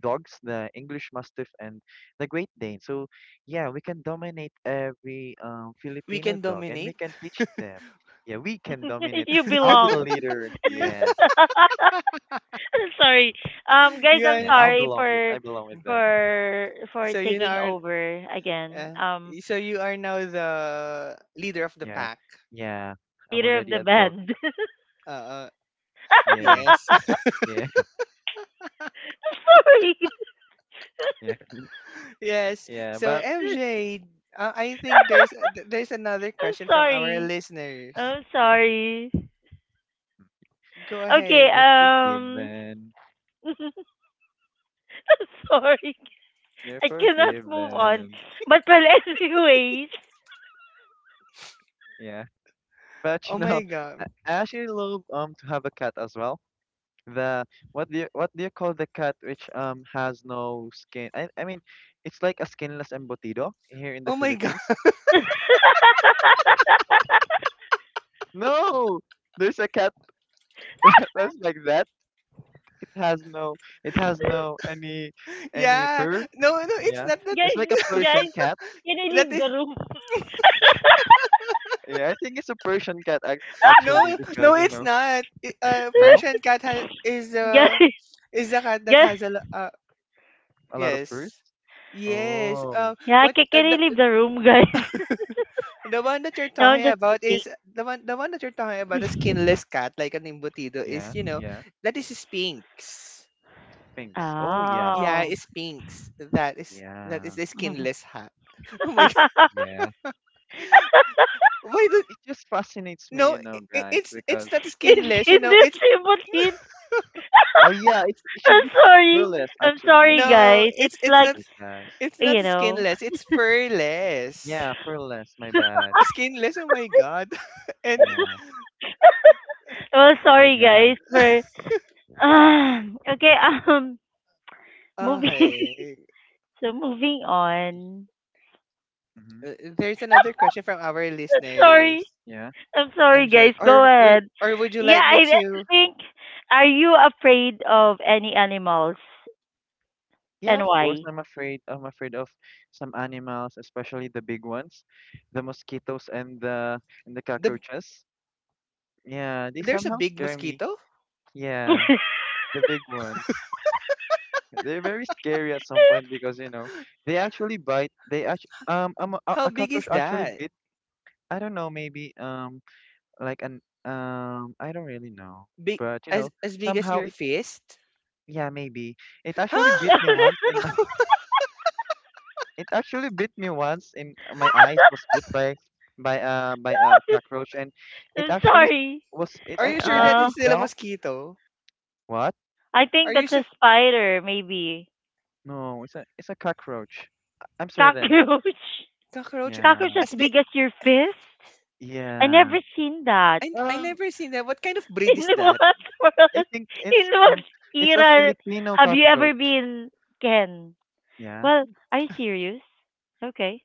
Speaker 3: dogs, the English Mastiff and the Great Dane. So, yeah, we can dominate every um
Speaker 2: We
Speaker 3: Filipino
Speaker 2: can
Speaker 3: dog, and we
Speaker 2: dominate.
Speaker 3: can teach them. Yeah, we can dominate.
Speaker 1: You
Speaker 3: I'll be the
Speaker 1: belong.
Speaker 3: leader.
Speaker 2: Yeah.
Speaker 3: Yeah,
Speaker 1: Sorry. Um guys,
Speaker 2: You
Speaker 1: I'm
Speaker 3: yeah,
Speaker 2: are—
Speaker 3: I'll
Speaker 1: sorry
Speaker 3: belong with
Speaker 1: for
Speaker 3: I belong with them.
Speaker 1: for for
Speaker 2: so you know
Speaker 1: taking
Speaker 2: our
Speaker 1: over again.
Speaker 2: Uh,
Speaker 1: Um
Speaker 2: so you are now the leader of the
Speaker 3: Yeah.
Speaker 2: pack.
Speaker 3: Yeah. I'm
Speaker 1: leader of
Speaker 3: already
Speaker 1: the
Speaker 3: a dog.
Speaker 1: band.
Speaker 2: Uh, uh
Speaker 3: Yeah.
Speaker 2: yes,
Speaker 3: Yeah.
Speaker 1: Sorry.
Speaker 3: Yeah.
Speaker 2: yes.
Speaker 3: Yeah.
Speaker 2: So
Speaker 3: But
Speaker 2: M J, uh, I think there's th- there's another
Speaker 1: I'm
Speaker 2: question from our
Speaker 1: sorry.
Speaker 2: listeners.
Speaker 1: I'm sorry.
Speaker 2: Go
Speaker 1: Okay,
Speaker 2: ahead.
Speaker 3: you're
Speaker 1: um
Speaker 3: forgiven.
Speaker 1: I'm sorry.
Speaker 3: You're
Speaker 1: I cannot move on.
Speaker 3: forgiven.
Speaker 1: But well, anyways.
Speaker 3: Yeah. But you
Speaker 2: Oh
Speaker 3: know,
Speaker 2: my god.
Speaker 3: I I actually love um to have a cat as well. The what do you what do you call the cat which um has no skin? I I mean, it's like a skinless embutido here in the
Speaker 2: Oh my god.
Speaker 3: Philippines. No, there's a cat that's like that. It has no it has no any any
Speaker 2: Yeah.
Speaker 3: fur.
Speaker 2: No, no, it's
Speaker 3: Yeah,
Speaker 2: not that.
Speaker 3: it's
Speaker 1: Guys,
Speaker 3: like a Persian
Speaker 1: guys,
Speaker 3: cat.
Speaker 1: can I
Speaker 2: That
Speaker 1: leave
Speaker 2: is—
Speaker 1: the room?
Speaker 3: Yeah, I think it's a Persian cat ac actually
Speaker 2: no, no,
Speaker 3: because you
Speaker 2: it's
Speaker 3: know,
Speaker 2: not. I- Uh,
Speaker 3: no,
Speaker 2: Persian cat has, is the—
Speaker 1: Guys,
Speaker 2: is the cat that
Speaker 1: guys.
Speaker 2: has a lo- uh
Speaker 3: a lot of furs.
Speaker 2: yes, yes.
Speaker 3: Oh,
Speaker 2: Um,
Speaker 1: Yeah,
Speaker 2: what
Speaker 1: can,
Speaker 2: uh,
Speaker 1: can I leave the room, guys?
Speaker 2: The one that you're
Speaker 1: No, I'm
Speaker 2: talking
Speaker 1: just
Speaker 2: about
Speaker 1: kidding.
Speaker 2: is the one— the one that you're talking about, the skinless cat, like an embutido, is,
Speaker 3: yeah,
Speaker 2: you know,
Speaker 3: yeah,
Speaker 2: that is Sphinx.
Speaker 3: Sphinx. Oh, yeah,
Speaker 2: Yeah,
Speaker 1: Oh.
Speaker 3: Sphinx.
Speaker 2: it's Sphinx. That is that is
Speaker 3: Yeah,
Speaker 2: the skinless hat. Oh my god.
Speaker 3: yeah.
Speaker 2: Why the—
Speaker 3: It just fascinates me,
Speaker 2: no,
Speaker 3: you
Speaker 2: i
Speaker 3: know,
Speaker 2: i-
Speaker 3: guys,
Speaker 2: it's it's
Speaker 3: because
Speaker 2: not
Speaker 1: It's
Speaker 2: skinless, you know, it's—
Speaker 1: kidnapping, but it-
Speaker 3: oh yeah, it it should
Speaker 1: I'm
Speaker 3: be
Speaker 1: sorry.
Speaker 3: furless
Speaker 1: I'm
Speaker 3: actually. My
Speaker 1: sorry,
Speaker 3: bad,
Speaker 2: no,
Speaker 1: guys.
Speaker 2: it's
Speaker 1: It's
Speaker 2: it's
Speaker 3: my
Speaker 1: like,
Speaker 2: not,
Speaker 3: bad, guys.
Speaker 2: it's not
Speaker 1: you know.
Speaker 2: skinless, it's furless.
Speaker 3: Yeah, furless. My bad.
Speaker 2: Skinless, oh my god. And
Speaker 3: Yeah,
Speaker 1: Well,
Speaker 3: sorry,
Speaker 1: sorry,
Speaker 3: guys.
Speaker 1: guys, for... Okay, um, moving...
Speaker 2: okay.
Speaker 1: So, moving on.
Speaker 3: Mm-hmm.
Speaker 2: uh, There's another question from our
Speaker 1: I'm sorry.
Speaker 2: listeners,
Speaker 3: Yeah,
Speaker 1: I'm sorry,
Speaker 2: M J.
Speaker 1: guys. Go
Speaker 2: Or would
Speaker 1: ahead.
Speaker 2: or would you
Speaker 1: Yeah,
Speaker 2: like me
Speaker 1: I I
Speaker 2: to—
Speaker 1: think... Are you afraid of any animals?
Speaker 3: yeah.
Speaker 1: And
Speaker 3: Of course,
Speaker 1: why?
Speaker 3: I'm afraid. I'm afraid of some animals, especially the big ones, the mosquitoes and the and the
Speaker 2: the—
Speaker 3: cockroaches. Yeah, they
Speaker 2: there's a
Speaker 3: somehow
Speaker 2: big
Speaker 3: scare me.
Speaker 2: mosquito?
Speaker 3: Yeah, the big ones. They're very scary at some point because, you know, they actually bite. They actually, um, um, a,
Speaker 2: How
Speaker 3: a
Speaker 2: big is
Speaker 3: cockroach actually
Speaker 2: that?
Speaker 3: bit, I don't know, maybe, um, like an, um, I don't really know.
Speaker 2: Big—
Speaker 3: But, you
Speaker 2: as
Speaker 3: know,
Speaker 2: as big as
Speaker 3: somehow
Speaker 2: your
Speaker 3: it,
Speaker 2: fist?
Speaker 3: yeah, maybe. It actually bit
Speaker 2: Huh?
Speaker 3: me once in my, it actually bit me once in uh, my eyes was bit by, by, uh, by a cockroach and it
Speaker 1: I'm
Speaker 3: actually
Speaker 1: sorry.
Speaker 3: was, it,
Speaker 2: Are you
Speaker 3: it
Speaker 2: sure that
Speaker 1: Uh,
Speaker 3: actually
Speaker 2: it's still a
Speaker 3: swelled.
Speaker 2: mosquito?
Speaker 3: What?
Speaker 1: I
Speaker 2: Are
Speaker 1: think
Speaker 2: you
Speaker 1: that's a
Speaker 2: sure—
Speaker 1: spider, maybe.
Speaker 3: No, it's a it's a cockroach. I- I'm certain.
Speaker 1: Cockroach.
Speaker 2: cockroach
Speaker 1: Cockroach
Speaker 3: Yeah.
Speaker 2: as
Speaker 1: as
Speaker 2: big—
Speaker 1: big as your fist? I
Speaker 3: Yeah.
Speaker 1: never seen that.
Speaker 2: I I
Speaker 3: Um,
Speaker 2: never seen that. What kind of breed
Speaker 1: In
Speaker 2: is that?
Speaker 1: what
Speaker 3: I
Speaker 1: world?
Speaker 3: think it's
Speaker 1: In what
Speaker 3: um it's a
Speaker 1: era
Speaker 3: Filipino
Speaker 1: have you ever
Speaker 3: cockroach.
Speaker 1: been, Ken?
Speaker 3: Yeah.
Speaker 1: Well, are you serious? Okay.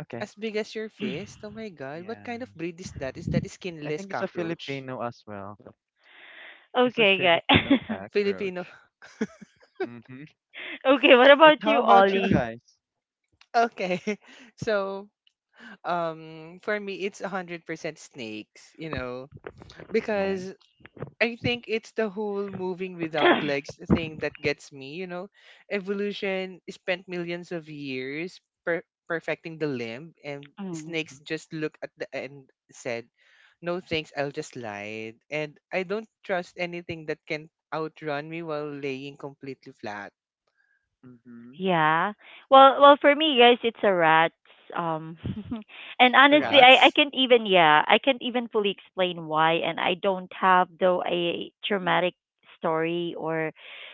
Speaker 3: Okay.
Speaker 2: As big as your fist? Oh my god, what
Speaker 3: Yeah.
Speaker 2: kind of breed is that? Is that a
Speaker 3: I
Speaker 2: skinless
Speaker 3: think it's a
Speaker 2: cockroach?
Speaker 3: Filipino as well. It's a
Speaker 1: Okay,
Speaker 3: Filipino
Speaker 1: guy.
Speaker 2: Filipino.
Speaker 3: cockroach. Mm-hmm.
Speaker 1: Okay, what
Speaker 3: But
Speaker 1: about
Speaker 3: how
Speaker 1: you,
Speaker 3: about you
Speaker 1: Ollie?
Speaker 3: guys?
Speaker 2: Okay. So, um for me it's one hundred percent snakes, you know,
Speaker 3: Yeah.
Speaker 2: because I think it's the whole moving without legs thing that gets me, you know. Evolution spent millions of years per- perfecting the limb, and
Speaker 1: Mm.
Speaker 2: snakes just look at the end, said, "No thanks, I'll just slide." And I don't trust anything that can outrun me while laying completely flat.
Speaker 3: Mm-hmm.
Speaker 1: Yeah. Well, well, for me, guys, it's a rat's. Um, and honestly,
Speaker 3: What?
Speaker 1: I I
Speaker 2: Rats.
Speaker 1: can't even yeah, I can't even fully explain why, and I don't have though a traumatic story or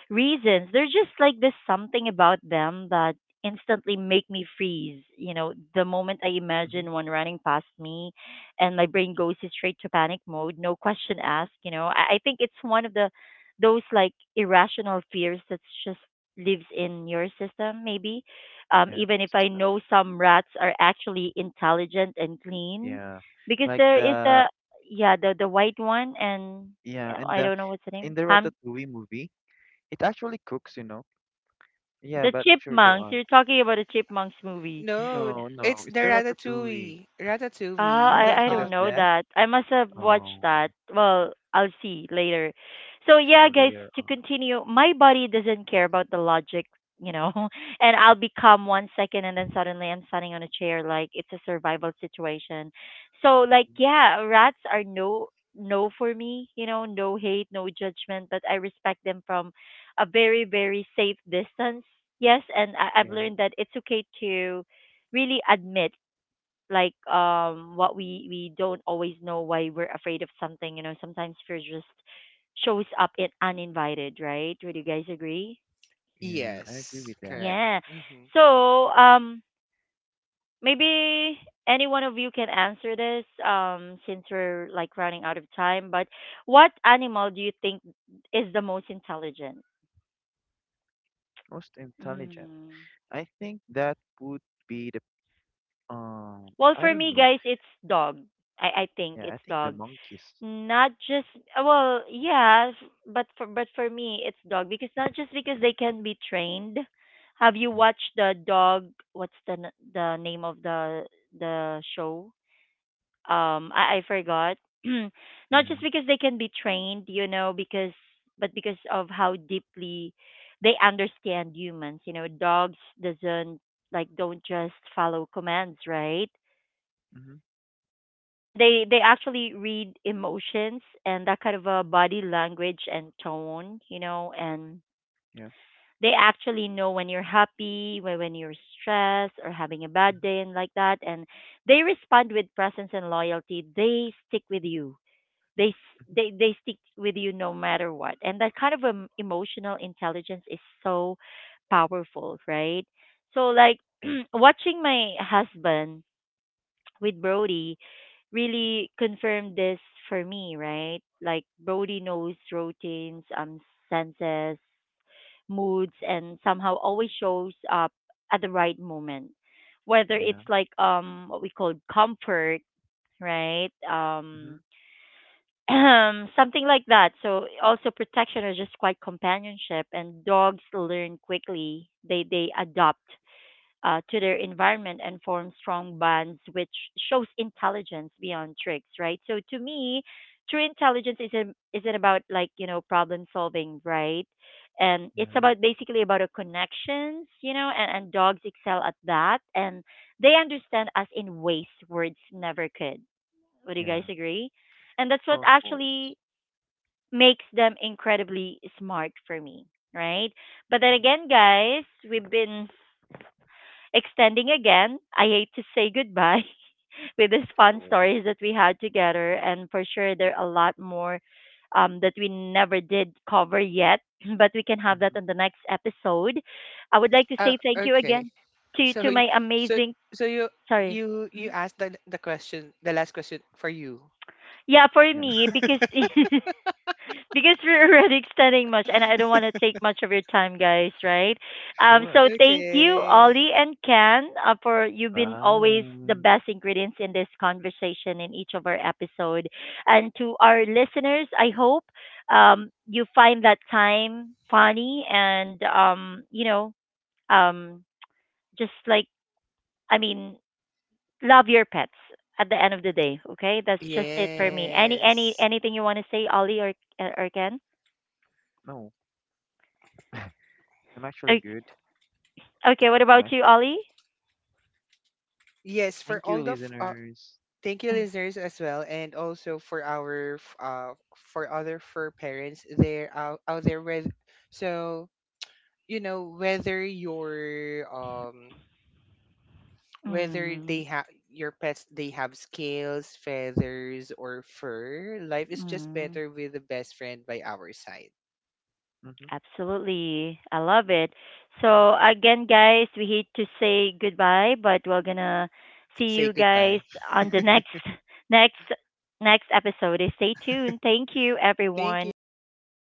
Speaker 1: reasons. They're just like this something about them that instantly make me freeze. You know, the moment I
Speaker 3: Mm-hmm.
Speaker 1: imagine one running past me, and my brain goes straight to panic mode, no question asked. You know, I, I think it's one of the those like irrational fears that's just lives in your system, maybe. Um,
Speaker 3: Yeah.
Speaker 1: even if I
Speaker 3: System.
Speaker 1: know some rats are actually intelligent and clean,
Speaker 3: Yeah.
Speaker 1: because
Speaker 3: Like
Speaker 1: there is the
Speaker 3: the
Speaker 1: yeah the the white one and
Speaker 3: yeah,
Speaker 1: uh,
Speaker 3: and
Speaker 1: I
Speaker 3: the
Speaker 1: don't know what's the
Speaker 3: in
Speaker 1: name.
Speaker 3: the
Speaker 1: Ham
Speaker 3: Ratatouille movie, it actually cooks, you know. Yeah,
Speaker 1: the
Speaker 3: but sure, go
Speaker 1: chipmunks.
Speaker 3: on.
Speaker 1: You're talking about the chipmunks movie.
Speaker 2: No,
Speaker 3: No, no.
Speaker 2: it's
Speaker 3: It's
Speaker 2: the
Speaker 3: the ratatouille.
Speaker 2: ratatouille.
Speaker 1: Uh,
Speaker 3: You
Speaker 2: Ratatouille. The
Speaker 3: haven't
Speaker 1: I I
Speaker 3: heard
Speaker 1: don't
Speaker 3: of
Speaker 2: um
Speaker 1: know
Speaker 3: that?
Speaker 1: that. I must have watched
Speaker 3: Oh,
Speaker 1: that. Well, I'll see later. So yeah,
Speaker 3: sure,
Speaker 1: guys,
Speaker 3: later
Speaker 1: to
Speaker 3: on.
Speaker 1: continue, my body doesn't care about the logic, you know, and I'll be calm one second and then suddenly I'm standing on a chair like it's a survival situation. So like
Speaker 3: Mm,
Speaker 1: yeah, rats are no no for me, you know, no hate, no judgment, but I respect them from a very very safe distance. Yes, and I, I've
Speaker 3: yeah,
Speaker 1: learned that it's okay to really admit like um what we we don't always know why we're afraid of something, you know, sometimes fear just shows up in uninvited, right? Would you guys agree?
Speaker 3: yeah, I agree
Speaker 2: yes,
Speaker 3: with that.
Speaker 2: correct.
Speaker 1: Yeah,
Speaker 2: Mhm.
Speaker 1: so um maybe any one of you can answer this um since we're like running out of time, but what animal do you think is the most intelligent?
Speaker 3: Most intelligent.
Speaker 1: Mm.
Speaker 3: I think that would be the um.
Speaker 1: Well,
Speaker 3: I
Speaker 1: for
Speaker 3: don't
Speaker 1: me,
Speaker 3: know.
Speaker 1: guys, it's dog. I i think
Speaker 3: Yeah, I
Speaker 1: it's
Speaker 3: think the
Speaker 1: dog.
Speaker 3: monkeys.
Speaker 1: Not just uh, well, yeah, f- but for but for me it's dog because not just because they can be trained. Have you
Speaker 3: Yeah,
Speaker 1: watched the dog? What's the n- the name of the the show? Um, I I forgot. Not just
Speaker 3: yeah.
Speaker 1: because they can be trained, you know, because but because of how deeply they understand humans. You know, dogs doesn't like don't just follow commands, right?
Speaker 3: Mm-hmm.
Speaker 1: And they they actually read emotions and that kind of a body language and tone, you know, and
Speaker 3: Yeah.
Speaker 1: they actually know when you're happy, when when you're stressed or having a bad day
Speaker 3: Mm-hmm.
Speaker 1: and like that, and they respond with presence and loyalty. They stick with you. they s-
Speaker 3: Mm-hmm.
Speaker 1: they they stick with you no matter what, and that kind of, um, emotional intelligence is so powerful, right? So like
Speaker 3: Yeah.
Speaker 1: watching my husband with Brody really confirmed this for me, right? Like Brody knows routines, um, senses, moods, and somehow always shows up at the right moment. Whether
Speaker 3: Yeah.
Speaker 1: it's like um what we call comfort, right? Um,
Speaker 3: Mm-hmm.
Speaker 1: something like that. So also protection or just quite companionship. And dogs learn quickly. They they adopt uh, to their environment and form strong bonds, which shows intelligence beyond tricks, right? So to me, true intelligence isn't isn't about like you know problem solving, right? And
Speaker 3: Yeah.
Speaker 1: it's
Speaker 3: Mhm,
Speaker 1: about basically about a connections, you know, and, and dogs excel at that, and they understand us in ways words never could. Would you
Speaker 3: yeah.
Speaker 1: guys agree? And that's what
Speaker 3: Oh, of course.
Speaker 1: actually makes them incredibly smart for me, right? But then
Speaker 3: Mm-hmm.
Speaker 1: again, guys, we've been extending again. I hate to say goodbye with these fun
Speaker 3: Sure.
Speaker 1: stories that we had together, and for sure there are a lot more um, that we never did cover yet, but we can have that
Speaker 3: Mm-hmm.
Speaker 1: on the next episode. I would like to
Speaker 2: Uh,
Speaker 1: say thank you
Speaker 2: okay.
Speaker 1: again to
Speaker 2: So,
Speaker 1: to
Speaker 2: y-
Speaker 1: my
Speaker 2: so,
Speaker 1: amazing
Speaker 2: so you
Speaker 1: sorry.
Speaker 2: you you
Speaker 1: Mm-hmm.
Speaker 2: asked the the question, the last question for you.
Speaker 1: Yeah, for
Speaker 3: Yeah, I
Speaker 1: me
Speaker 3: think so.
Speaker 1: because because we're already extending much and I don't want to take much of your time, guys, right? Um,
Speaker 3: Sure.
Speaker 1: so thank you, Ollie
Speaker 2: Okay.
Speaker 1: and Ken, uh, for you've been always the
Speaker 3: Bye.
Speaker 1: best ingredients in this conversation in each of our episode. And to our listeners, I hope um, you find that time funny and, um, you know, um, just like, I mean, love your pets at the end of the day, okay? That's just it for
Speaker 3: Mm-hmm.
Speaker 1: me. Any, any,
Speaker 2: Yes.
Speaker 1: anything you want to say, Ollie or, or Ken?
Speaker 3: No, I'm actually good.
Speaker 1: Okay, what
Speaker 3: I'm
Speaker 1: about you, Ollie?
Speaker 2: Yes,
Speaker 3: thank
Speaker 2: for
Speaker 3: you,
Speaker 2: all the f- uh,
Speaker 3: listeners.
Speaker 2: thank you,
Speaker 1: Mm,
Speaker 2: listeners, as well, and also for our f- uh for other fur parents there out, out there, with, so you know, whether your um whether they
Speaker 1: mm,
Speaker 2: have your pets, they have scales, feathers or fur, life is just
Speaker 1: mm.
Speaker 2: better with the best friend by our side.
Speaker 3: Hmm.
Speaker 1: Absolutely. I love it. So, again, guys, we hate to say goodbye, but we're gonna see
Speaker 2: Say
Speaker 1: you guys
Speaker 2: goodbye.
Speaker 1: on the next, next, next episode. Stay tuned. Thank you,
Speaker 2: Thank
Speaker 1: everyone.
Speaker 2: you.
Speaker 3: Bye.
Speaker 2: Bye.